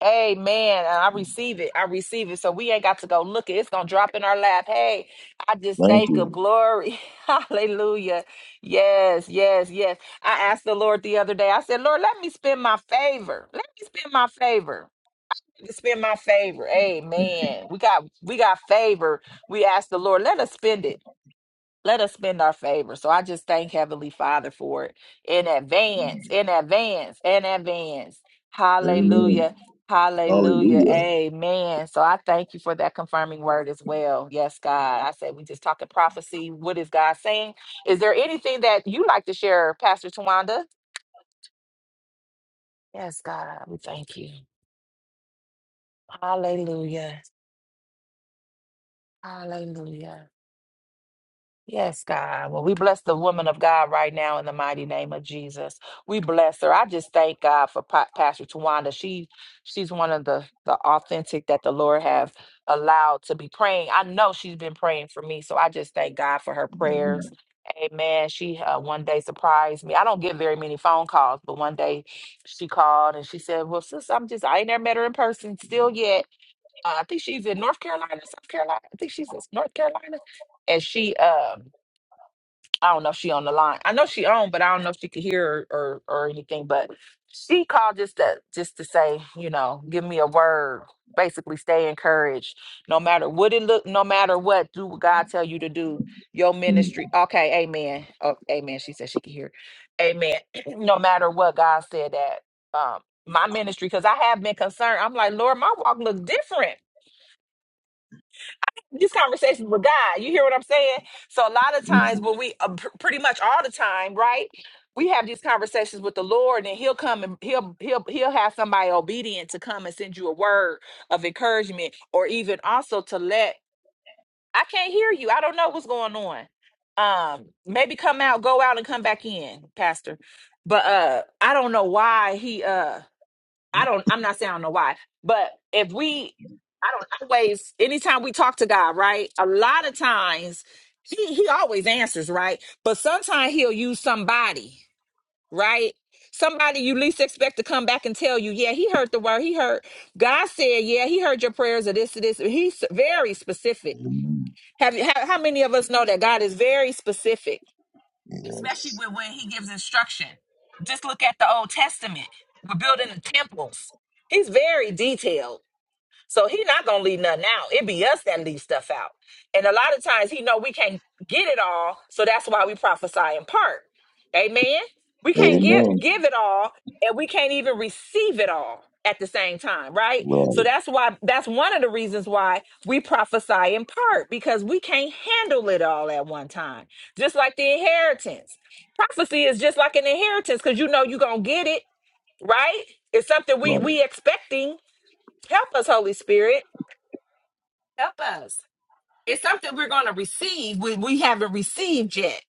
[SPEAKER 1] Amen. And I receive it. I receive it. So we ain't got to go look it. It's gonna drop in our lap. Hey, I just
[SPEAKER 3] Thank
[SPEAKER 1] thank of
[SPEAKER 3] you.
[SPEAKER 1] glory. Hallelujah. Yes, yes, yes. I asked the Lord the other day. I said, Lord, let me spend my favor. Let me spend my favor. Let me Spend my favor. Amen. We got we got favor. We asked the Lord, let us spend it. Let us spend our favor. So I just thank Heavenly Father for it in advance, in advance, in advance.
[SPEAKER 3] Amen.
[SPEAKER 1] Hallelujah. Hallelujah.
[SPEAKER 3] Hallelujah.
[SPEAKER 1] Amen. So I thank you for that confirming word as well. Yes, God. I said we just talking prophecy. What is God saying? Is there anything that you like to share, Pastor Tawanda? Yes, God. We thank you. Hallelujah. Hallelujah. Yes, God. Well, we bless the woman of God right now in the mighty name of Jesus. We bless her. I just thank God for Pa- Pastor Tawanda. She she's one of the the authentic that the Lord have allowed to be praying. I know she's been praying for me, so I just thank God for her prayers. Amen. She uh, one day surprised me. I don't get very many phone calls, but one day she called and she said, "Well, sis, I'm just I ain't never met her in person still yet. Uh, I think she's in North Carolina, South Carolina. I think she's in North Carolina." And she um I don't know if she on the line. I know she on, but I don't know if she could hear or, or or anything. But she called just to just to say, you know, give me a word. Basically, stay encouraged. No matter what it look, no matter what, do what God tell you to do. Your
[SPEAKER 3] Mm.
[SPEAKER 1] ministry, okay, Amen. Oh, amen. She said she could hear. Amen. no matter what, God said that um, my ministry, because I have been concerned. I'm like, Lord, my walk look different these conversations with God. You hear what I'm saying? So a lot of
[SPEAKER 3] Mm.
[SPEAKER 1] times when we uh, pr- pretty much all the time, right? We have these conversations with the Lord and he'll come and he'll he'll he'll have somebody obedient to come and send you a word of encouragement or even also to let I can't hear you. I don't know what's going on. Um maybe come out, go out and come back in, pastor. But uh I don't know why he uh I don't I'm not saying I don't know why, but if we
[SPEAKER 4] I don't.
[SPEAKER 1] always anytime we talk to God, right? A lot of times he he always answers, right? But sometimes he'll use somebody, right? Somebody you least expect to come back and tell you, yeah, he heard the word. He heard God said, yeah, he heard your prayers or this or this. He's very specific.
[SPEAKER 3] Amen.
[SPEAKER 1] Have you how, how many of us know that God is very specific, especially
[SPEAKER 3] Yes.
[SPEAKER 1] when, when he gives instruction? Just look at the Old Testament. We're building the temples. He's very detailed. So he not gonna leave nothing out. It be us that leave stuff out. And a lot of times he know we can't get it all, so that's why we prophesy in part. Amen. We can't give
[SPEAKER 3] Amen.
[SPEAKER 1] give it all, and we can't even receive it all at the same time, right? So
[SPEAKER 3] Right.
[SPEAKER 1] that's why that's one of the reasons why we prophesy in part because we can't handle it all at one time. Just like the inheritance. Prophecy is just like an inheritance because you know you're gonna get it, right? It's something we
[SPEAKER 3] Right.
[SPEAKER 1] we expecting. Help us, Holy Spirit Help us. It's something we're going to receive. We, we haven't received yet.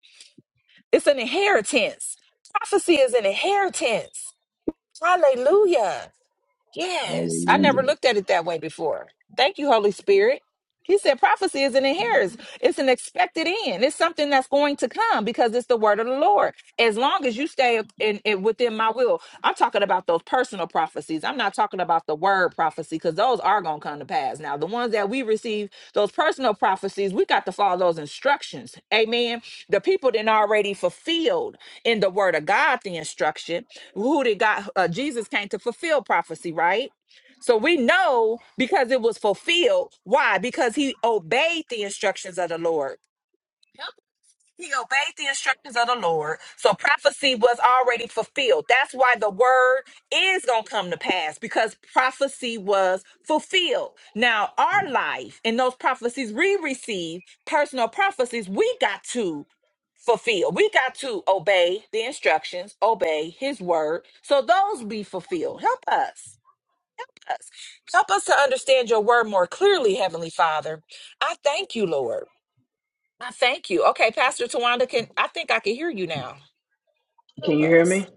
[SPEAKER 1] It's an inheritance. Prophecy is an inheritance. Hallelujah. Yes, I
[SPEAKER 3] Hallelujah.
[SPEAKER 1] never looked at it that way before. Thank you, Holy Spirit. He said prophecy is an inheritance. It's an expected end. It's something that's going to come because it's the word of the Lord. As long as you stay in, in within my will, I'm talking about those personal prophecies. I'm not talking about the word prophecy because those are going to come to pass. Now, the ones that we receive, those personal prophecies, we got to follow those instructions. Amen. The people didn't already fulfilled in the word of God the instruction. Who did God uh, Jesus came to fulfill prophecy, right? So we know because it was fulfilled. Why? Because he obeyed the instructions of the Lord. He obeyed the instructions of the Lord. So prophecy was already fulfilled. That's why the word is going to come to pass because prophecy was fulfilled. Now, our life and those prophecies we receive, personal prophecies, we got to fulfill. We got to obey the instructions, obey his word. So those be fulfilled. Help us. Help us. Help us to understand your word more clearly, Heavenly Father. I thank you, Lord. I thank you. Okay, Pastor Tawanda, can I think I can hear you now? Help
[SPEAKER 4] Can you hear
[SPEAKER 1] us.
[SPEAKER 4] me?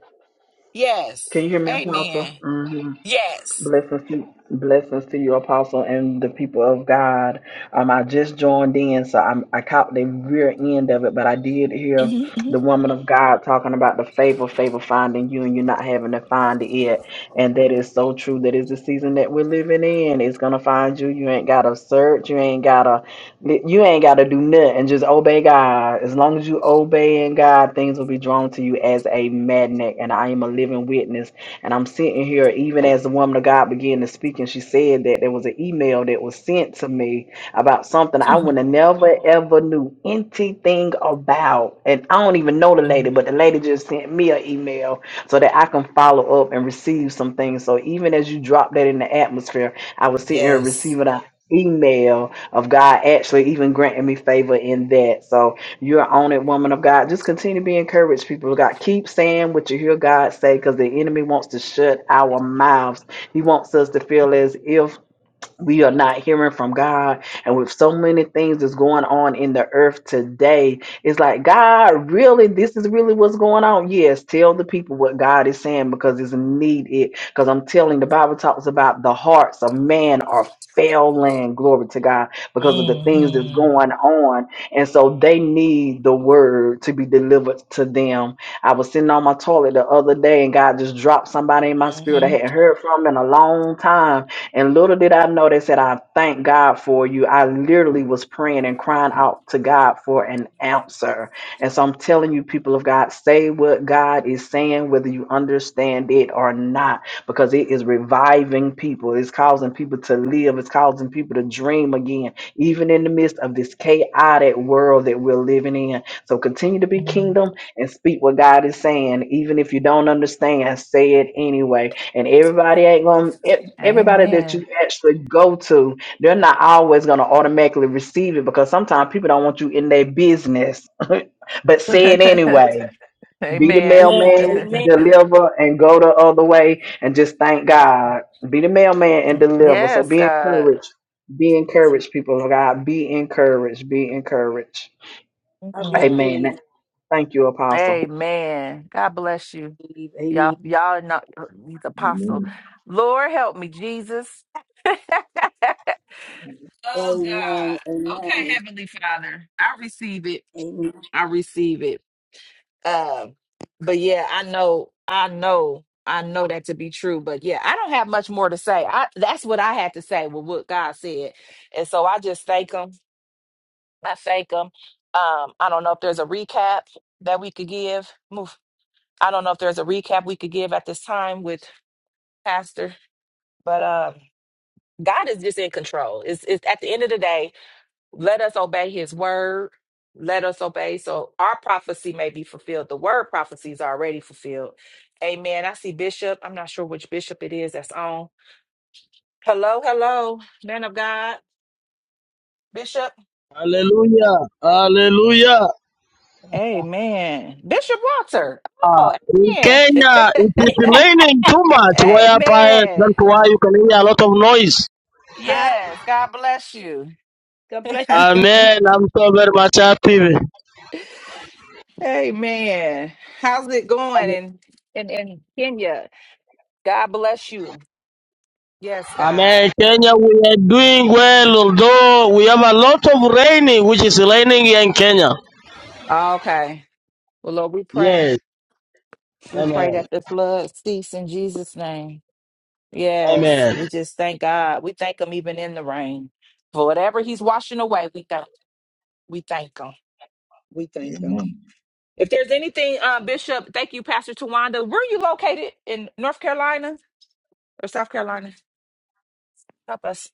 [SPEAKER 1] Yes.
[SPEAKER 4] Can you hear me, Apostle?
[SPEAKER 1] Amen.
[SPEAKER 4] hmm
[SPEAKER 1] Yes.
[SPEAKER 4] Blessings to blessings to you, Apostle, and the people of God. Um, I just joined in, so I'm, I caught the rear end of it, but I did hear
[SPEAKER 1] hmm
[SPEAKER 4] the woman of God talking about the favor, favor finding you, and you not having to find it yet. And that is so true. That is the season that we're living in. It's gonna find you. You ain't gotta search. You ain't gotta. You ain't gotta do nothing. Just obey God. As long as you obeying God, things will be drawn to you as a magnet. And I am a living witness and I'm sitting here, even as the woman of God began to speak, and she said that there was an email that was sent to me about something I
[SPEAKER 1] hmm
[SPEAKER 4] would have never ever knew anything about. And I don't even know the lady, but the lady just sent me an email so that I can follow up and receive some things. So even as you drop that in the atmosphere, I was sitting here
[SPEAKER 1] Yes.
[SPEAKER 4] receiving an email of God actually even granting me favor in that. So you're on it, woman of God. Just continue to be encouraged, people of God. Keep saying what you hear God say because the enemy wants to shut our mouths. He wants us to feel as if we are not hearing from God. And with so many things that's going on in the earth today, it's like, God, really? This is really what's going on? Yes, tell the people what God is saying because it's needed. Because I'm telling the Bible talks about the hearts of man are failing, glory to God, because of the things that's
[SPEAKER 1] Mm-hmm.
[SPEAKER 4] going on. And so they need the word to be delivered to them. I was sitting on my toilet the other day and God just dropped somebody in my spirit I
[SPEAKER 1] hmm
[SPEAKER 4] hadn't heard from in a long time and little did I know they said, I thank God for you. I literally was praying and crying out to God for an answer. And so I'm telling you, people of God, say what God is saying, whether you understand it or not, because it is reviving people. It's causing people to live. It's causing people to dream again, even in the midst of this chaotic world that we're living in. So continue to be kingdom and speak what God is saying. Even if you don't understand, say it anyway and everybody ain't going to everybody that
[SPEAKER 1] Amen.
[SPEAKER 4] you actually go to, they're not always gonna automatically receive it because sometimes people don't want you in their business. but say it anyway. Be the
[SPEAKER 1] Amen.
[SPEAKER 2] Amen.
[SPEAKER 4] mailman,
[SPEAKER 2] Amen.
[SPEAKER 4] deliver, and go the other way and just thank God. Be the mailman and deliver. So
[SPEAKER 1] Yes,
[SPEAKER 4] be
[SPEAKER 1] God.
[SPEAKER 4] encouraged. Be
[SPEAKER 2] Vicky.
[SPEAKER 4] encouraged, people of God. Be encouraged. Be encouraged.
[SPEAKER 2] I
[SPEAKER 1] Mm.
[SPEAKER 4] Amen.
[SPEAKER 2] receive.
[SPEAKER 4] Thank you, Apostle.
[SPEAKER 1] Amen. God bless you.
[SPEAKER 2] Amen.
[SPEAKER 1] Y'all, y'all are not he's apostle.
[SPEAKER 3] Amen.
[SPEAKER 1] Lord help me, Jesus. Oh
[SPEAKER 2] Amen.
[SPEAKER 1] God. Okay,
[SPEAKER 2] Amen.
[SPEAKER 1] Heavenly Father. I receive it.
[SPEAKER 2] Amen.
[SPEAKER 1] I receive it. Um, but yeah, I know, I know, I know that to be true. But yeah, I don't have much more to say. I that's what I had to say with what God said. And so I just thank him. I thank him. Um, I don't know if there's a recap that we could give. Move. I don't know if there's a recap we could give at this time with Pastor, but um God is just in control. It's, it's at the end of the day, Let us obey his word. Let us obey. So our prophecy may be fulfilled. The word prophecy is already fulfilled. Amen. I see Bishop. I'm not sure which Bishop it is that's on. Hello, hello, man of God. Bishop.
[SPEAKER 5] Hallelujah. Hallelujah.
[SPEAKER 1] Amen. Bishop Walter. Oh,
[SPEAKER 5] In
[SPEAKER 1] amen.
[SPEAKER 5] Kenya, it is raining too much. Whereby,
[SPEAKER 1] amen.
[SPEAKER 5] that's why you can hear a lot of noise.
[SPEAKER 2] Hi.
[SPEAKER 1] Yes. God bless you.
[SPEAKER 2] God bless
[SPEAKER 5] Amen. I'm so very much happy.
[SPEAKER 1] Amen. How's it going in, in in Kenya? God bless you. Yes, God.
[SPEAKER 5] Amen. Kenya, we are doing well, although we have a lot of raining, which is raining here in Kenya.
[SPEAKER 1] Okay. Well, Lord, we pray.
[SPEAKER 5] Yes.
[SPEAKER 1] We
[SPEAKER 5] Amen.
[SPEAKER 1] pray that the flood cease in Jesus' name. Yes. We
[SPEAKER 5] Amen.
[SPEAKER 1] just thank God. We thank Him even in the rain. For whatever He's washing away, we thank we thank Him. We thank Him.
[SPEAKER 3] Amen.
[SPEAKER 1] If there's anything, uh, Bishop, thank you, Pastor Tawanda. Where are you located? In North Carolina or South Carolina? Help us.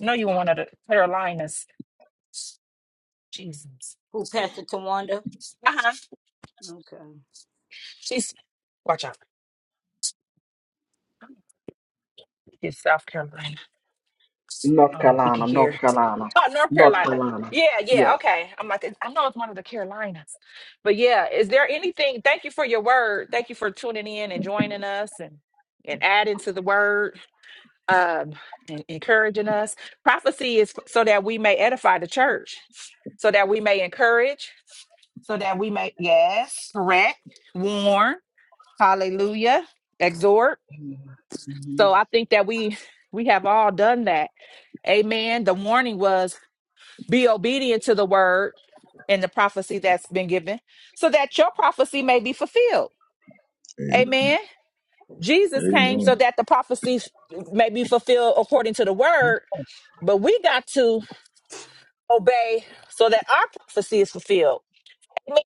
[SPEAKER 1] No, you one of the Carolinas. Jesus.
[SPEAKER 2] you, Pastor Tawanda.
[SPEAKER 1] Uh-huh.
[SPEAKER 2] Okay.
[SPEAKER 1] She's watch out. It's South Carolina. I
[SPEAKER 4] North
[SPEAKER 1] don't know if we can
[SPEAKER 4] Carolina,
[SPEAKER 1] hear.
[SPEAKER 4] North Carolina,
[SPEAKER 1] Oh, North
[SPEAKER 4] North
[SPEAKER 1] Carolina.
[SPEAKER 4] Carolina.
[SPEAKER 1] Yeah, yeah,
[SPEAKER 4] Yes.
[SPEAKER 1] okay. I'm like, it- I know it's one of the Carolinas. But yeah, is there anything? Thank you for your word. Thank you for tuning in and joining us and and adding to the word, um, and encouraging us. Prophecy is f- so that we may edify the church, so that we may encourage, so that we may, yes, correct, warn, hallelujah, exhort.
[SPEAKER 4] Mhm.
[SPEAKER 1] So I think that we we have all done that. Amen. The warning was be obedient to the word and the prophecy that's been given so that your prophecy may be fulfilled.
[SPEAKER 3] Amen.
[SPEAKER 1] Amen. Jesus came
[SPEAKER 3] Amen.
[SPEAKER 1] so that the prophecies may be fulfilled according to the word, but we got to obey so that our prophecy is fulfilled. Amen.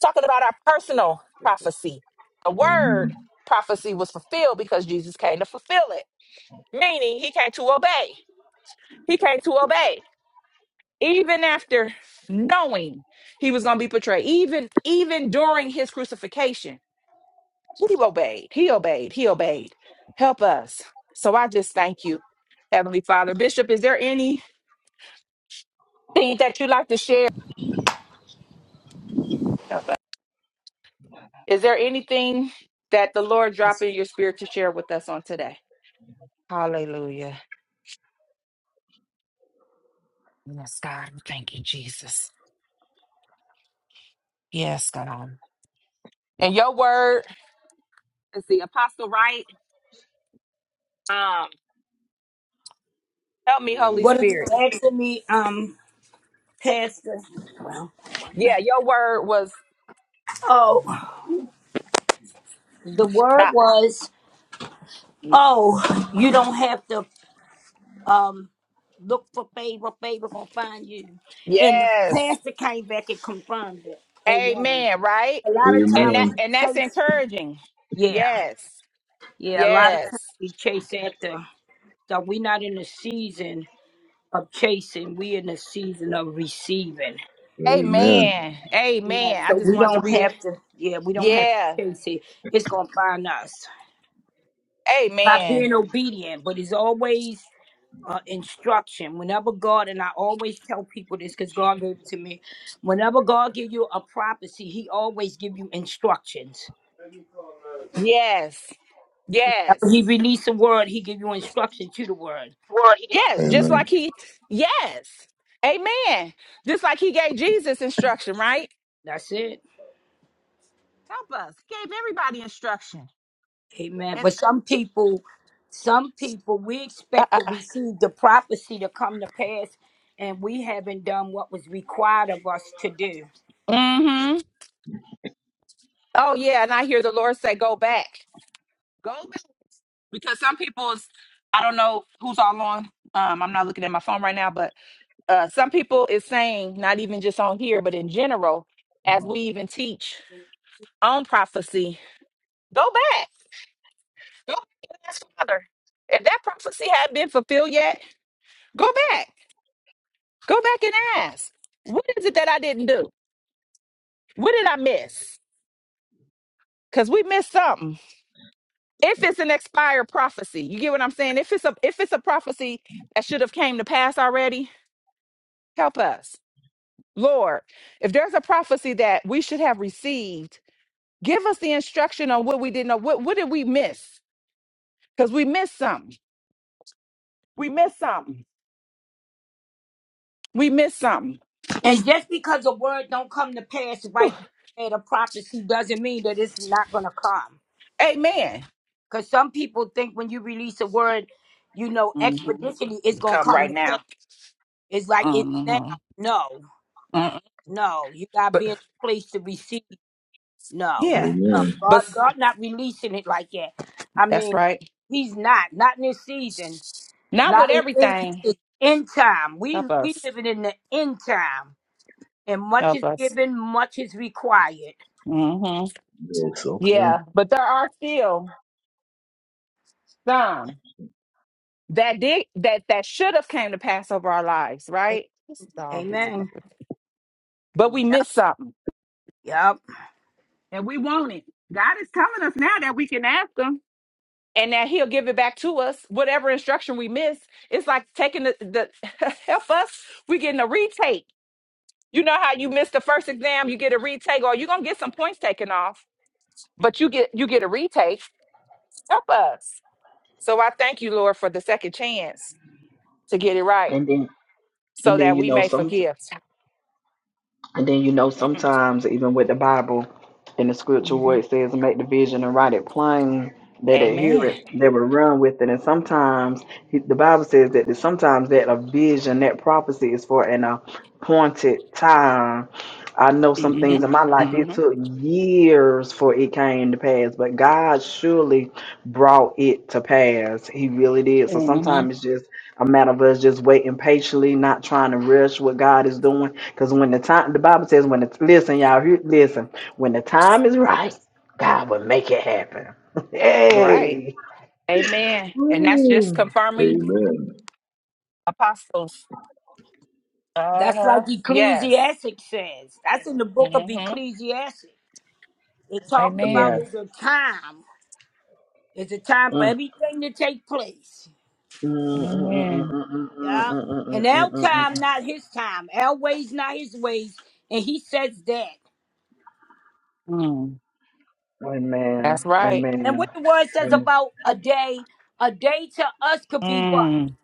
[SPEAKER 1] Talking about our personal prophecy. The
[SPEAKER 3] Amen.
[SPEAKER 1] word prophecy was fulfilled because Jesus came to fulfill it, meaning he came to obey. He came to obey. even after knowing he was going to be betrayed even even during his crucifixion he obeyed he obeyed he obeyed help us so i just thank you heavenly father bishop is there anything that you'd like to share is there anything that the lord dropped
[SPEAKER 2] That's-
[SPEAKER 1] in your spirit to share with us on today hallelujah yes god we thank you jesus yes god and your word is the apostle right um help me holy
[SPEAKER 2] What are you
[SPEAKER 1] spirit
[SPEAKER 2] asking me, um, Pastor? Well,
[SPEAKER 1] yeah your word was
[SPEAKER 2] oh, the word
[SPEAKER 1] Stop.
[SPEAKER 2] was, oh, you don't have to um, look for favor, favor gonna find you. And the
[SPEAKER 1] Yes.
[SPEAKER 2] pastor came back and confirmed it. Amen.
[SPEAKER 1] Amen. Right.
[SPEAKER 2] A lot of
[SPEAKER 1] And
[SPEAKER 2] times
[SPEAKER 3] Amen.
[SPEAKER 1] that
[SPEAKER 2] we
[SPEAKER 1] and that's
[SPEAKER 2] chase
[SPEAKER 1] encouraging.
[SPEAKER 2] Yeah,
[SPEAKER 1] Yes.
[SPEAKER 2] yeah, a lot of times
[SPEAKER 1] Yes.
[SPEAKER 2] we chase after so we're not in the season of chasing, we are in the season of receiving.
[SPEAKER 3] Amen.
[SPEAKER 1] Amen.
[SPEAKER 2] Yeah,
[SPEAKER 1] Amen. I
[SPEAKER 2] so
[SPEAKER 1] just
[SPEAKER 2] we
[SPEAKER 1] wanted to
[SPEAKER 2] don't
[SPEAKER 1] read.
[SPEAKER 2] have to yeah, we don't have
[SPEAKER 1] Yeah.
[SPEAKER 2] to chase it. It's gonna find us. by
[SPEAKER 1] Amen.
[SPEAKER 2] being obedient, but it's always uh, instruction. Whenever God, and I always tell people this because God gave it to me. Whenever God give you a prophecy, He always give you instructions.
[SPEAKER 1] Yes. Yes.
[SPEAKER 2] Whenever He release a word, He give you instruction to the word.
[SPEAKER 4] Well, he
[SPEAKER 1] Yes. Just
[SPEAKER 3] Amen.
[SPEAKER 1] like he. Yes. Amen. Just like he gave Jesus instruction, right?
[SPEAKER 2] That's it.
[SPEAKER 1] Help us. He gave everybody instruction.
[SPEAKER 2] Amen.
[SPEAKER 1] And,
[SPEAKER 2] But some people, some people, we
[SPEAKER 1] uh,
[SPEAKER 2] expect
[SPEAKER 1] uh,
[SPEAKER 2] to
[SPEAKER 1] uh.
[SPEAKER 2] receive the prophecy to come to pass, and we haven't done what was required of us to do.
[SPEAKER 1] Mm-hmm. Oh yeah. And I hear the Lord say, "Go back. Go because some people's I don't know who's all on. Um, I'm not looking at my phone right now, but uh, some people is saying not even just on here, but in general, as we even teach on prophecy, go back, go back and ask Father if that prophecy hadn't been fulfilled yet. Go back, go back and ask, what is it that I didn't do? What did I miss? Because we missed something. If it's an expired prophecy, you get what I'm saying. If it's a if it's a prophecy that should have came to pass already, help us Lord, if there's a prophecy that we should have received, give us the instruction on what we didn't know. What, what did we miss? Because we missed something. We missed something. We missed something.
[SPEAKER 2] And just because a word don't come to pass
[SPEAKER 1] Whew.
[SPEAKER 2] right there at a prophecy doesn't mean that it's not gonna come.
[SPEAKER 1] Amen.
[SPEAKER 2] Cause some people think when you release a word, you know,
[SPEAKER 1] Mhm.
[SPEAKER 2] expeditionally it's gonna
[SPEAKER 1] Come
[SPEAKER 2] come
[SPEAKER 1] right
[SPEAKER 2] to pass.
[SPEAKER 1] now.
[SPEAKER 2] It's like it's now.
[SPEAKER 1] Mhm.
[SPEAKER 2] No,
[SPEAKER 1] Mhm.
[SPEAKER 2] no, you gotta
[SPEAKER 1] But
[SPEAKER 2] be in a place to receive. No,
[SPEAKER 1] yeah,
[SPEAKER 2] no,
[SPEAKER 3] Amen.
[SPEAKER 1] but
[SPEAKER 2] God,
[SPEAKER 1] s-
[SPEAKER 2] God not releasing it like that. I
[SPEAKER 1] that's
[SPEAKER 2] mean,
[SPEAKER 1] right.
[SPEAKER 2] He's not, not in this season,
[SPEAKER 1] Not with
[SPEAKER 2] not in, in this
[SPEAKER 1] everything.
[SPEAKER 2] is end time. We
[SPEAKER 1] Help
[SPEAKER 2] we
[SPEAKER 1] us.
[SPEAKER 2] living in the end time, and much
[SPEAKER 1] Help
[SPEAKER 2] is
[SPEAKER 1] us.
[SPEAKER 2] given, much is required.
[SPEAKER 1] hmm
[SPEAKER 3] Yes, okay.
[SPEAKER 1] Yeah, but there are still some that did that that should have came to pass over our lives, right? This dog. is.
[SPEAKER 2] Amen.
[SPEAKER 1] but we missed something
[SPEAKER 2] Yep.
[SPEAKER 1] and we want it. God is telling us now that we can ask Him and that He'll give it back to us, whatever instruction we miss. It's like taking the, the help us, we getting a retake. You know how you missed the first exam, you get a retake, or you're gonna get some points taken off, but you get you get a retake. Help us. So I thank you, Lord, for the second chance to get it right
[SPEAKER 4] And then
[SPEAKER 1] so
[SPEAKER 4] and then
[SPEAKER 1] that
[SPEAKER 4] you
[SPEAKER 1] we
[SPEAKER 4] know
[SPEAKER 1] may
[SPEAKER 4] some
[SPEAKER 1] forgive.
[SPEAKER 4] And then you know
[SPEAKER 1] Mm-mm.
[SPEAKER 4] sometimes even with the Bible in the scripture where
[SPEAKER 1] Mhm.
[SPEAKER 4] it says make the vision and write it plain, that they hear
[SPEAKER 1] Amen.
[SPEAKER 4] it, they will run with it. And sometimes he- the Bible says that sometimes that a vision, that prophecy is for an appointed time. I know some things in my life it
[SPEAKER 1] hmm
[SPEAKER 4] took years for it came to pass, but God surely brought it to pass. He really did.
[SPEAKER 1] hmm
[SPEAKER 4] So
[SPEAKER 1] hmm
[SPEAKER 4] sometimes it's just a matter of us just waiting patiently, not trying to rush what God is doing because when the time, the Bible says, when it's, listen, y'all, here- listen, when the time is right, God will make it happen.
[SPEAKER 1] Right.
[SPEAKER 4] hey!
[SPEAKER 1] Amen. And that's just
[SPEAKER 4] Woo.
[SPEAKER 1] confirming
[SPEAKER 3] Amen.
[SPEAKER 1] apostles. Uh
[SPEAKER 2] That's like
[SPEAKER 1] huh. Yes.
[SPEAKER 2] Ecclesiastes says. That's in the book of
[SPEAKER 1] hmm
[SPEAKER 2] Ecclesiastes. It talks about
[SPEAKER 4] Yes.
[SPEAKER 1] Amen.
[SPEAKER 2] is a time. It's a time for
[SPEAKER 4] Mm.
[SPEAKER 2] everything to take place.
[SPEAKER 4] Mm, mm, mm,
[SPEAKER 1] Amen.
[SPEAKER 4] mm, mm, mm, mm,
[SPEAKER 2] Yeah. And
[SPEAKER 4] mm, mm, mm,
[SPEAKER 2] our
[SPEAKER 4] mm, mm.
[SPEAKER 2] time,
[SPEAKER 4] mm.
[SPEAKER 2] not his time. Our ways, not his ways. And he says that.
[SPEAKER 1] Mm,
[SPEAKER 4] Amen.
[SPEAKER 1] that's right.
[SPEAKER 2] And what
[SPEAKER 4] Amen.
[SPEAKER 2] the word says
[SPEAKER 4] Amen.
[SPEAKER 2] about a day, a day to us could be what?
[SPEAKER 1] Mm,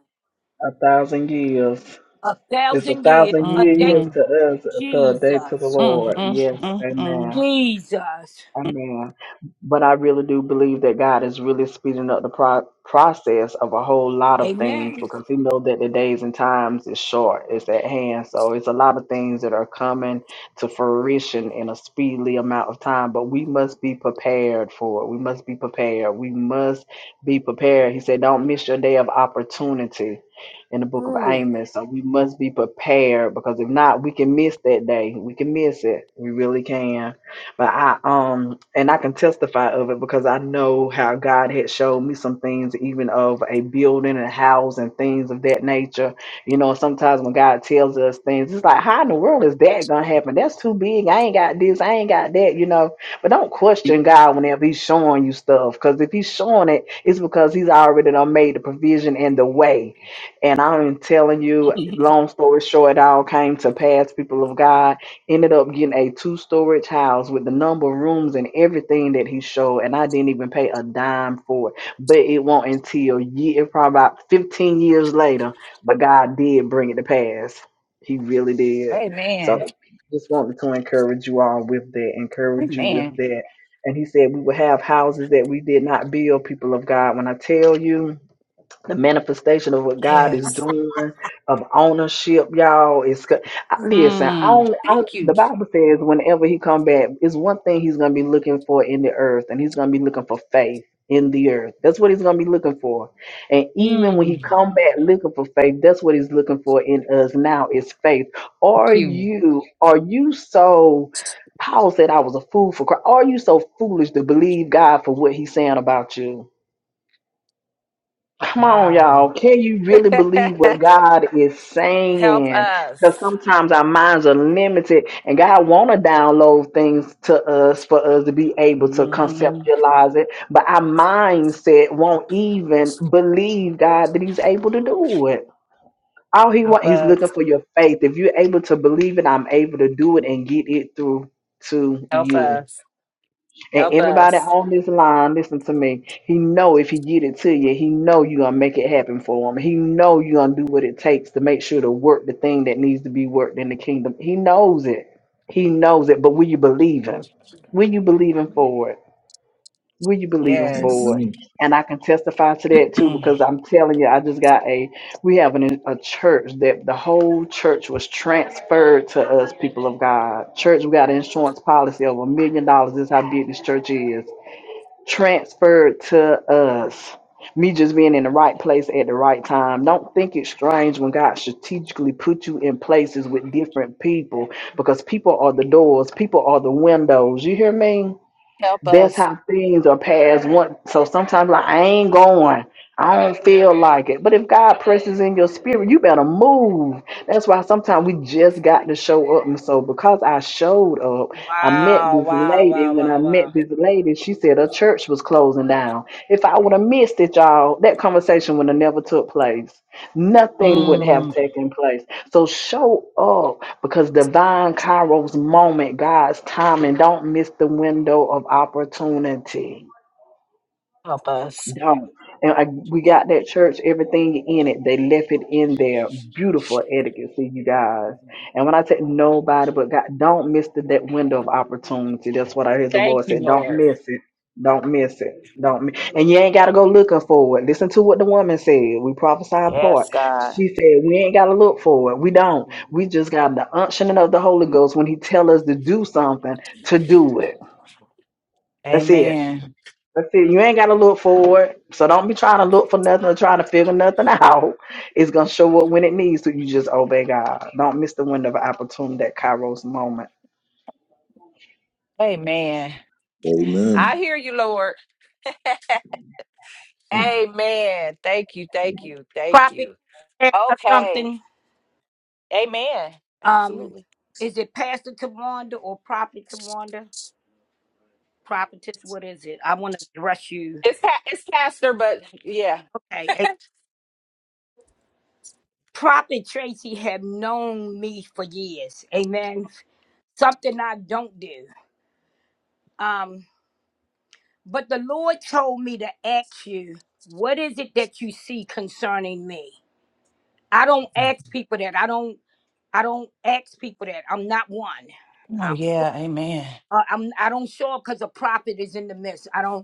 [SPEAKER 4] A thousand years.
[SPEAKER 2] A
[SPEAKER 4] It's a
[SPEAKER 2] thousand years.
[SPEAKER 4] thousand
[SPEAKER 2] A
[SPEAKER 4] year
[SPEAKER 2] day.
[SPEAKER 4] years
[SPEAKER 1] mm-hmm.
[SPEAKER 4] to us, to a day to the
[SPEAKER 2] Jesus.
[SPEAKER 1] Mm,
[SPEAKER 4] Lord.
[SPEAKER 1] mm,
[SPEAKER 4] Yes.
[SPEAKER 1] mm,
[SPEAKER 4] Amen.
[SPEAKER 2] Jesus.
[SPEAKER 1] mm.
[SPEAKER 4] Amen. But I really do believe that God is really speeding up the pro- process of a whole lot of things
[SPEAKER 2] Amen.
[SPEAKER 4] because He know that the days and times is short, it's at hand. So it's a lot of things that are coming to fruition in a speedily amount of time. But we must be prepared for it. We must be prepared. We must be prepared. He said, "Don't miss your day of opportunity." In the book of
[SPEAKER 2] Mm.
[SPEAKER 4] Amos, so we must be prepared because if not, we can miss that day. We can miss it. We really can. But I um and I can testify of it because I know how God had showed me some things even of a building and house and things of that nature. You know, sometimes when God tells us things, it's like, how in the world is that gonna happen? That's too big. I ain't got this, I ain't got that, you know. But don't question God whenever he's showing you stuff. Because if he's showing it, it's because he's already done made the provision and the way. And I'm telling you, long story short, it all came to pass, people of God Ended up getting a two storage house with the number of rooms and everything that he showed, and I didn't even pay a dime for it. But it won't until year, probably about 15 years later, but God did bring it to pass. He really did.
[SPEAKER 1] Amen.
[SPEAKER 4] So just wanted to encourage you all with that, encourage you with
[SPEAKER 1] Amen.
[SPEAKER 4] that. And he said we would have houses that we did not build, people of God. When I tell you, the manifestation of what God is
[SPEAKER 1] Yes.
[SPEAKER 4] doing, of ownership, y'all. Is co- I- listen. I
[SPEAKER 1] Mm,
[SPEAKER 4] don't, I
[SPEAKER 1] thank
[SPEAKER 4] don't.
[SPEAKER 1] you.
[SPEAKER 4] The Bible says, whenever He come back, it's one thing He's gonna be looking for in the earth, and He's gonna be looking for faith in the earth. That's what He's gonna be looking for. And even when
[SPEAKER 1] Mm,
[SPEAKER 4] He come back looking for faith, that's what He's looking for in us now is faith.
[SPEAKER 1] thank
[SPEAKER 4] Are
[SPEAKER 1] you.
[SPEAKER 4] you? Are you so? Paul said, "I was a fool for Christ." Are you so foolish to believe God for what He's saying about you? Come on, y'all.
[SPEAKER 1] Wow.
[SPEAKER 4] Can you really believe what God is
[SPEAKER 1] Help
[SPEAKER 4] saying? Because
[SPEAKER 1] us.
[SPEAKER 4] sometimes our minds are limited, and God want to download things to us for us to be able to
[SPEAKER 1] hmm
[SPEAKER 4] conceptualize it. But our mindset won't even believe God that He's able to do it. All He want,
[SPEAKER 1] Help
[SPEAKER 4] He's looking
[SPEAKER 1] us.
[SPEAKER 4] for your faith. If you're able to believe it, I'm able to do it and get it through to
[SPEAKER 1] Help
[SPEAKER 4] you.
[SPEAKER 1] us.
[SPEAKER 4] And
[SPEAKER 1] Help
[SPEAKER 4] everybody
[SPEAKER 1] us.
[SPEAKER 4] on this line, listen to me. He know if he get it to you, he know you gonna make it happen for him. He know you gonna do what it takes to make sure to work the thing that needs to be worked in the kingdom. He knows it. He knows it. But will you believe him? Will you believe him for it? Will you believe him
[SPEAKER 1] Yes.
[SPEAKER 4] for it?
[SPEAKER 3] Amen.
[SPEAKER 4] And I can testify to that too,
[SPEAKER 1] Mm.
[SPEAKER 4] because I'm telling you, I just got a we have an, a church that the whole church was transferred to us, people of God. Church, we got an insurance policy of a million dollars. This is how big this church is transferred to us. Me just being in the right place at the right time. Don't think it's strange when God strategically put you in places with different people because people are the doors, people are the windows. You hear me?
[SPEAKER 1] Help
[SPEAKER 4] that's
[SPEAKER 1] us.
[SPEAKER 4] how things are passed one so sometimes like i ain't going i don't feel like it but if god presses in your spirit you better move that's why sometimes we just got to show up and so because i showed up i met
[SPEAKER 1] Wow,
[SPEAKER 4] this
[SPEAKER 1] wow,
[SPEAKER 4] lady and
[SPEAKER 1] wow,
[SPEAKER 4] when i
[SPEAKER 1] wow, wow.
[SPEAKER 4] met this lady she said her church was closing down if i would have missed it y'all that conversation would have never took place nothing would have
[SPEAKER 1] Mm,
[SPEAKER 4] taken place. So show up because divine Kairos moment, God's timing. Don't miss the window of opportunity.
[SPEAKER 1] help us.
[SPEAKER 4] Done. And I, we got that church, everything in it. They left it in there. Beautiful etiquette, see you guys. And when I say nobody but God, don't miss the, that window of opportunity. That's what I heard the
[SPEAKER 1] Thank
[SPEAKER 4] Lord
[SPEAKER 1] you,
[SPEAKER 4] said. Don't
[SPEAKER 1] Lord.
[SPEAKER 4] miss it. Don't miss it. Don't miss. And you ain't gotta go looking for it. Listen to what the woman said. We prophesied
[SPEAKER 1] Yes,
[SPEAKER 4] part.
[SPEAKER 1] God.
[SPEAKER 4] She said we ain't gotta look for it. We don't. We just got the unctioning of the Holy Ghost when He tell us to do something to do it. That's it.
[SPEAKER 1] Amen.
[SPEAKER 4] But see, you ain't gotta look for it. So don't be trying to look for nothing or trying to figure nothing out. It's gonna show up when it needs to. You just obey God. Don't miss the window of opportunity, that Kairos moment.
[SPEAKER 1] Amen. I
[SPEAKER 3] Amen.
[SPEAKER 1] hear you, Lord. Amen. Thank you. Thank you. Thank
[SPEAKER 2] Prophet,
[SPEAKER 1] you.
[SPEAKER 2] ask us
[SPEAKER 1] Okay.
[SPEAKER 2] something.
[SPEAKER 1] Amen.
[SPEAKER 2] Um,
[SPEAKER 1] Absolutely.
[SPEAKER 2] is it Pastor Tawanda or Prophet Tawanda? Prophetess, what is it? I want to address you.
[SPEAKER 1] It's pa- it's pastor, but yeah.
[SPEAKER 2] Okay. A Prophet Tracy have known me for years. Amen. Something I don't do. Um, but the Lord told me to ask you, what is it that you see concerning me? I don't ask people that. I don't. I don't ask people that. I'm not one.
[SPEAKER 1] Oh
[SPEAKER 2] I,
[SPEAKER 1] yeah. Amen.
[SPEAKER 2] uh, I'm. I don't show up because a prophet is in the midst. I don't.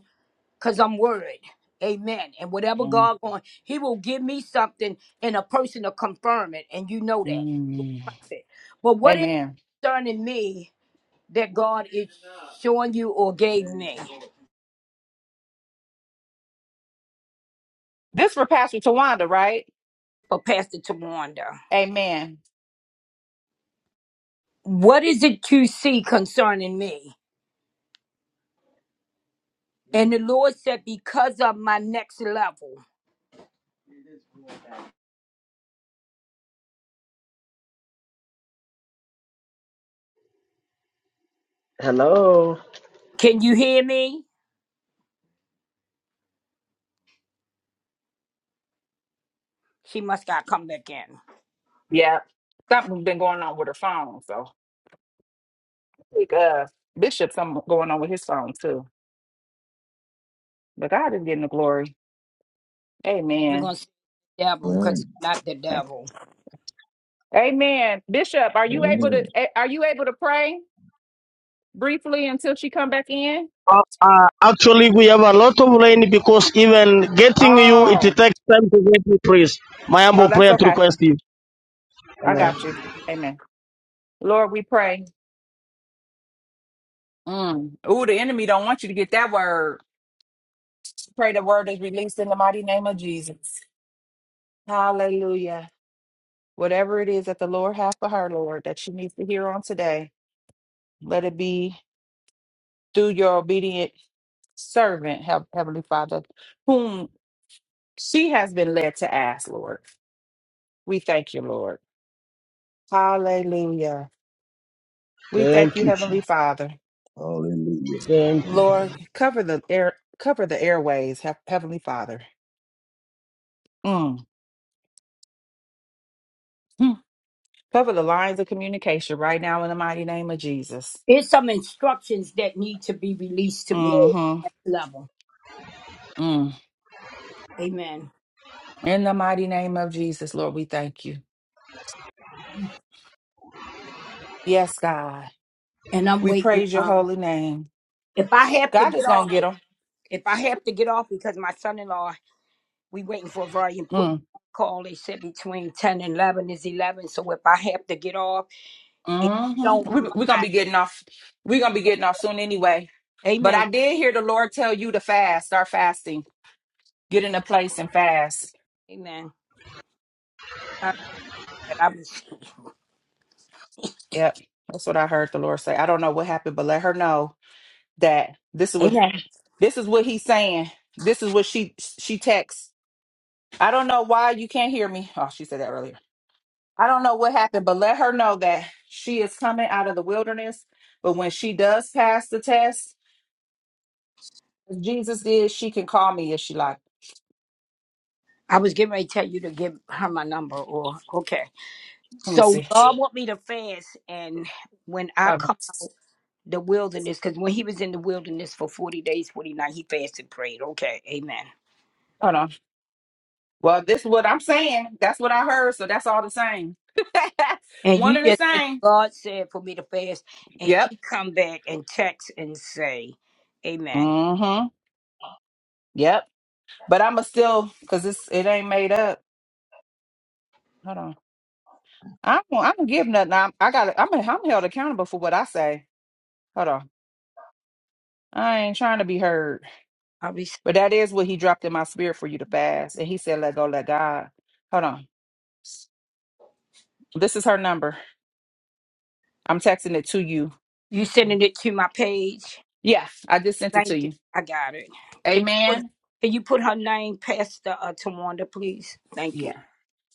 [SPEAKER 2] because I'm worried. Amen. And whatever God going, He will give me something and a person to confirm it. And you know that.
[SPEAKER 1] Mm.
[SPEAKER 2] Prophet. But what is
[SPEAKER 1] Amen.
[SPEAKER 2] concerning me that God is showing you or gave me
[SPEAKER 1] This for Pastor Tawanda, right?
[SPEAKER 2] for Pastor Tawanda?
[SPEAKER 1] Amen.
[SPEAKER 2] What is it you see concerning me? And the Lord said, Because of my next level.
[SPEAKER 4] Hello.
[SPEAKER 2] Can you hear me? She must got come back in.
[SPEAKER 1] Yeah. Something's been going on with her phone. So I think uh Bishop something going on with his phone too. But God is getting the glory.
[SPEAKER 2] We're
[SPEAKER 1] Amen.
[SPEAKER 2] gonna see the devil
[SPEAKER 3] Amen.
[SPEAKER 2] because it's not the devil.
[SPEAKER 1] Amen. Bishop, are you able to
[SPEAKER 3] Amen.
[SPEAKER 1] eh, are you able to pray briefly until she come back in?
[SPEAKER 5] Uh, uh, actually, we have a lot of rain because even getting you, it takes
[SPEAKER 1] Oh.
[SPEAKER 5] time to get you praise. My
[SPEAKER 1] Oh,
[SPEAKER 5] humble
[SPEAKER 1] that's
[SPEAKER 5] prayer to
[SPEAKER 1] okay.
[SPEAKER 5] request you.
[SPEAKER 1] I
[SPEAKER 5] Amen.
[SPEAKER 1] got you. Amen. Lord, we pray. Mm. Ooh, the enemy don't want you to get that word. Pray the word is released in the mighty name of Jesus. Hallelujah. Whatever it is that the Lord has for her, Lord, that she needs to hear on today, let it be through your obedient servant, Hev- Heavenly Father, whom she has been led to ask, Lord. We thank you, Lord. Hallelujah. We thank
[SPEAKER 5] Thank
[SPEAKER 1] you,
[SPEAKER 5] you. Jesus.
[SPEAKER 1] Heavenly Father.
[SPEAKER 3] Hallelujah.
[SPEAKER 5] Thank
[SPEAKER 1] Lord, cover the air, cover the airways, Hev- Heavenly Father. Mm. Hmm. Cover the lines of communication right now in the mighty name of Jesus.
[SPEAKER 2] It's some instructions that need to be released to me
[SPEAKER 1] hmm
[SPEAKER 2] at this level. Amen.
[SPEAKER 1] In the mighty name of Jesus, Lord, we thank you. Yes, God.
[SPEAKER 2] And I'm
[SPEAKER 1] We
[SPEAKER 2] waiting.
[SPEAKER 1] praise your
[SPEAKER 2] Um,
[SPEAKER 1] holy name.
[SPEAKER 2] if I have to
[SPEAKER 1] God
[SPEAKER 2] get
[SPEAKER 1] is gonna
[SPEAKER 2] off,
[SPEAKER 1] get them.
[SPEAKER 2] if I have to get off because my son-in-law, we waiting for a very important
[SPEAKER 1] Mm.
[SPEAKER 2] call. They said between ten and eleven is eleven. So if I have to get off, if you
[SPEAKER 1] hmm
[SPEAKER 2] don't
[SPEAKER 1] We, we're gonna
[SPEAKER 2] mind,
[SPEAKER 1] be getting off. We're gonna be getting off soon anyway. But
[SPEAKER 2] Amen.
[SPEAKER 1] I did hear the Lord tell you to fast. Start fasting. Get in a place and fast.
[SPEAKER 2] Amen. All right, I was,
[SPEAKER 1] Yep, that's what I heard the Lord say. I don't know what happened, but let her know that this is what
[SPEAKER 2] amen.
[SPEAKER 1] this is what He's saying. This is what she she texts. I don't know why you can't hear me. Oh, she said that earlier. I don't know what happened, but let her know that she is coming out of the wilderness. But when she does pass the test, as Jesus did, she can call me if she like.
[SPEAKER 2] I was getting ready to tell you to give her my number or okay.
[SPEAKER 1] Let me
[SPEAKER 2] So
[SPEAKER 1] see.
[SPEAKER 2] God want me to fast and when I
[SPEAKER 1] Hold on.
[SPEAKER 2] come the wilderness because when he was in the wilderness for 40 days 40 nights he fasted and prayed okay amen
[SPEAKER 1] Hold on. Well, this is what I'm saying. That's what I heard. So that's all the same.
[SPEAKER 2] and
[SPEAKER 1] One
[SPEAKER 2] you
[SPEAKER 1] and the
[SPEAKER 2] just said
[SPEAKER 1] same.
[SPEAKER 2] god said for me to fast and
[SPEAKER 1] Yep.
[SPEAKER 2] she come back and text and say amen
[SPEAKER 1] Mm-hmm. Yep. But I'ma still cause it's it ain't made up. Hold on. I don't I don't give nothing. I'm, I got I'm I'm held accountable for what I say. Hold on. I ain't trying to be heard.
[SPEAKER 2] I'll be,
[SPEAKER 1] But that is what he dropped in my spirit for you to fast. And he said, let go, let God. Hold on. This is her number. I'm texting it to you.
[SPEAKER 2] you sending it to my page
[SPEAKER 1] Yeah, I just sent it
[SPEAKER 2] thank
[SPEAKER 1] to
[SPEAKER 2] you
[SPEAKER 1] you.
[SPEAKER 2] i got it can you put,
[SPEAKER 1] Amen.
[SPEAKER 2] can you put her name pastor uh, tawanda please thank you
[SPEAKER 1] Yeah.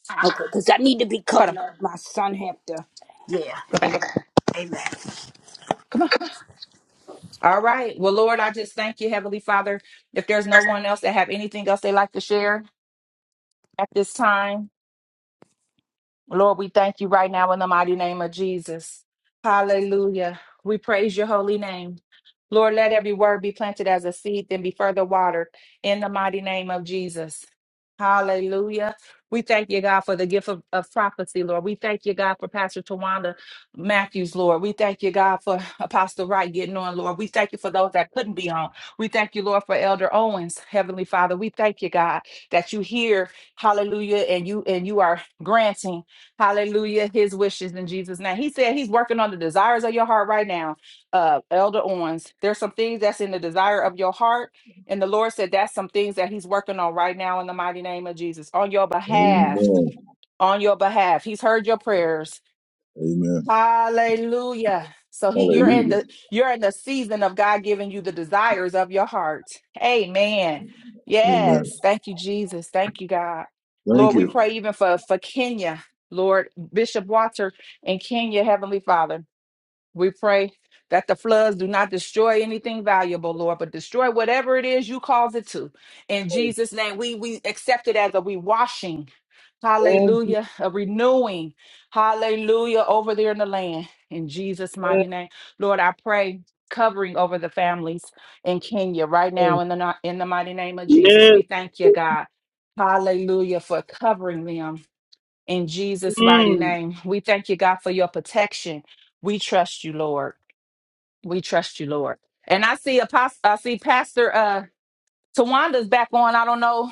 [SPEAKER 1] Uh-uh.
[SPEAKER 2] okay because i need to be
[SPEAKER 1] Hold
[SPEAKER 2] coming
[SPEAKER 1] on.
[SPEAKER 2] up my son have to yeah
[SPEAKER 1] Go
[SPEAKER 2] amen
[SPEAKER 1] back.
[SPEAKER 2] amen
[SPEAKER 1] Come on. All right. Well, Lord, I just thank you, Heavenly Father. If there's no one else that have anything else they like to share at this time, Lord, we thank you right now in the mighty name of Jesus. Hallelujah. We praise your holy name. Lord, let every word be planted as a seed, then be further watered in the mighty name of Jesus. Hallelujah. We thank you, God, for the gift of, of prophecy, Lord. We thank you, God, for Pastor Tawanda Matthews, Lord. We thank you, God, for Apostle Wright getting on, Lord. We thank you for those that couldn't be on. We thank you, Lord, for Elder Owens, Heavenly Father. We thank you, God, that you hear, hallelujah, and you and you are granting. Hallelujah. His wishes in Jesus' name. He said he's working on the desires of your heart right now. Uh, Elder Owens, there's some things that's in the desire of your heart. And the Lord said that's some things that he's working on right now in the mighty name of Jesus on your behalf
[SPEAKER 3] Amen.
[SPEAKER 1] on your behalf. He's heard your prayers.
[SPEAKER 3] Amen.
[SPEAKER 1] Hallelujah. So he you're in
[SPEAKER 3] Hallelujah.
[SPEAKER 1] the you're in the season of God giving you the desires of your heart. Amen.
[SPEAKER 3] Amen.
[SPEAKER 1] Yes. Thank you, Jesus. Thank you, God.
[SPEAKER 3] Thank
[SPEAKER 1] Lord, we
[SPEAKER 3] you.
[SPEAKER 1] pray even for, for Kenya, Lord, Bishop Walter in Kenya, Heavenly Father. We pray that the floods do not destroy anything valuable, Lord, but destroy whatever it is you cause it to. In Jesus' name, we we accept it as a rewashing.
[SPEAKER 5] Amen.
[SPEAKER 1] Hallelujah. A renewing. Hallelujah. Over there in the land. In Jesus' mighty name. Lord, I pray covering over the families in Kenya right now in the ni- in the mighty name of Jesus. We thank you, God. Hallelujah for covering them. In Jesus' mighty
[SPEAKER 5] Amen.
[SPEAKER 1] name, we thank you, God, for your protection. We trust you, Lord. We trust you, Lord. And I see Apostle, I see Pastor uh Tawanda's back on. I don't know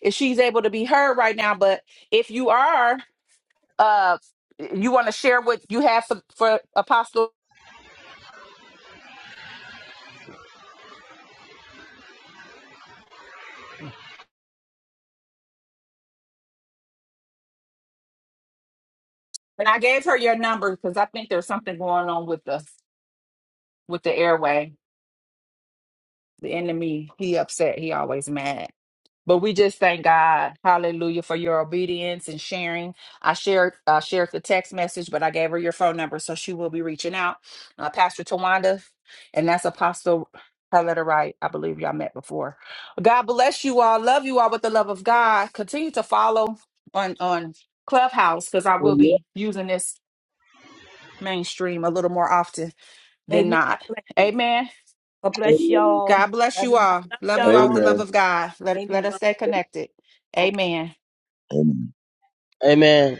[SPEAKER 1] if she's able to be heard right now, but if you are, uh, you want to share what you have for, for Apostle. And I gave her your number because I think there's something going on with the with the airway. The enemy, he upset. He always mad. But we just thank God, hallelujah, for your obedience and sharing. I shared I shared the text message, but I gave her your phone number, so she will be reaching out. Uh, Pastor Tawanda, and that's Apostle her letter right. I believe y'all met before. God bless you all. Love you all with the love of God. Continue to follow on on Clubhouse because I will be using this mainstream a little more often than
[SPEAKER 2] amen god
[SPEAKER 1] not.
[SPEAKER 2] bless you
[SPEAKER 1] Amen.
[SPEAKER 2] god bless
[SPEAKER 5] Amen.
[SPEAKER 2] y'all
[SPEAKER 1] God bless you
[SPEAKER 2] everyone
[SPEAKER 1] all.
[SPEAKER 2] love
[SPEAKER 1] Love you all with the
[SPEAKER 2] y'all
[SPEAKER 1] love
[SPEAKER 3] Amen.
[SPEAKER 1] of God. Let, let
[SPEAKER 2] Amen.
[SPEAKER 1] us
[SPEAKER 2] Go.
[SPEAKER 1] stay connected. Amen.
[SPEAKER 3] Amen.
[SPEAKER 5] Amen.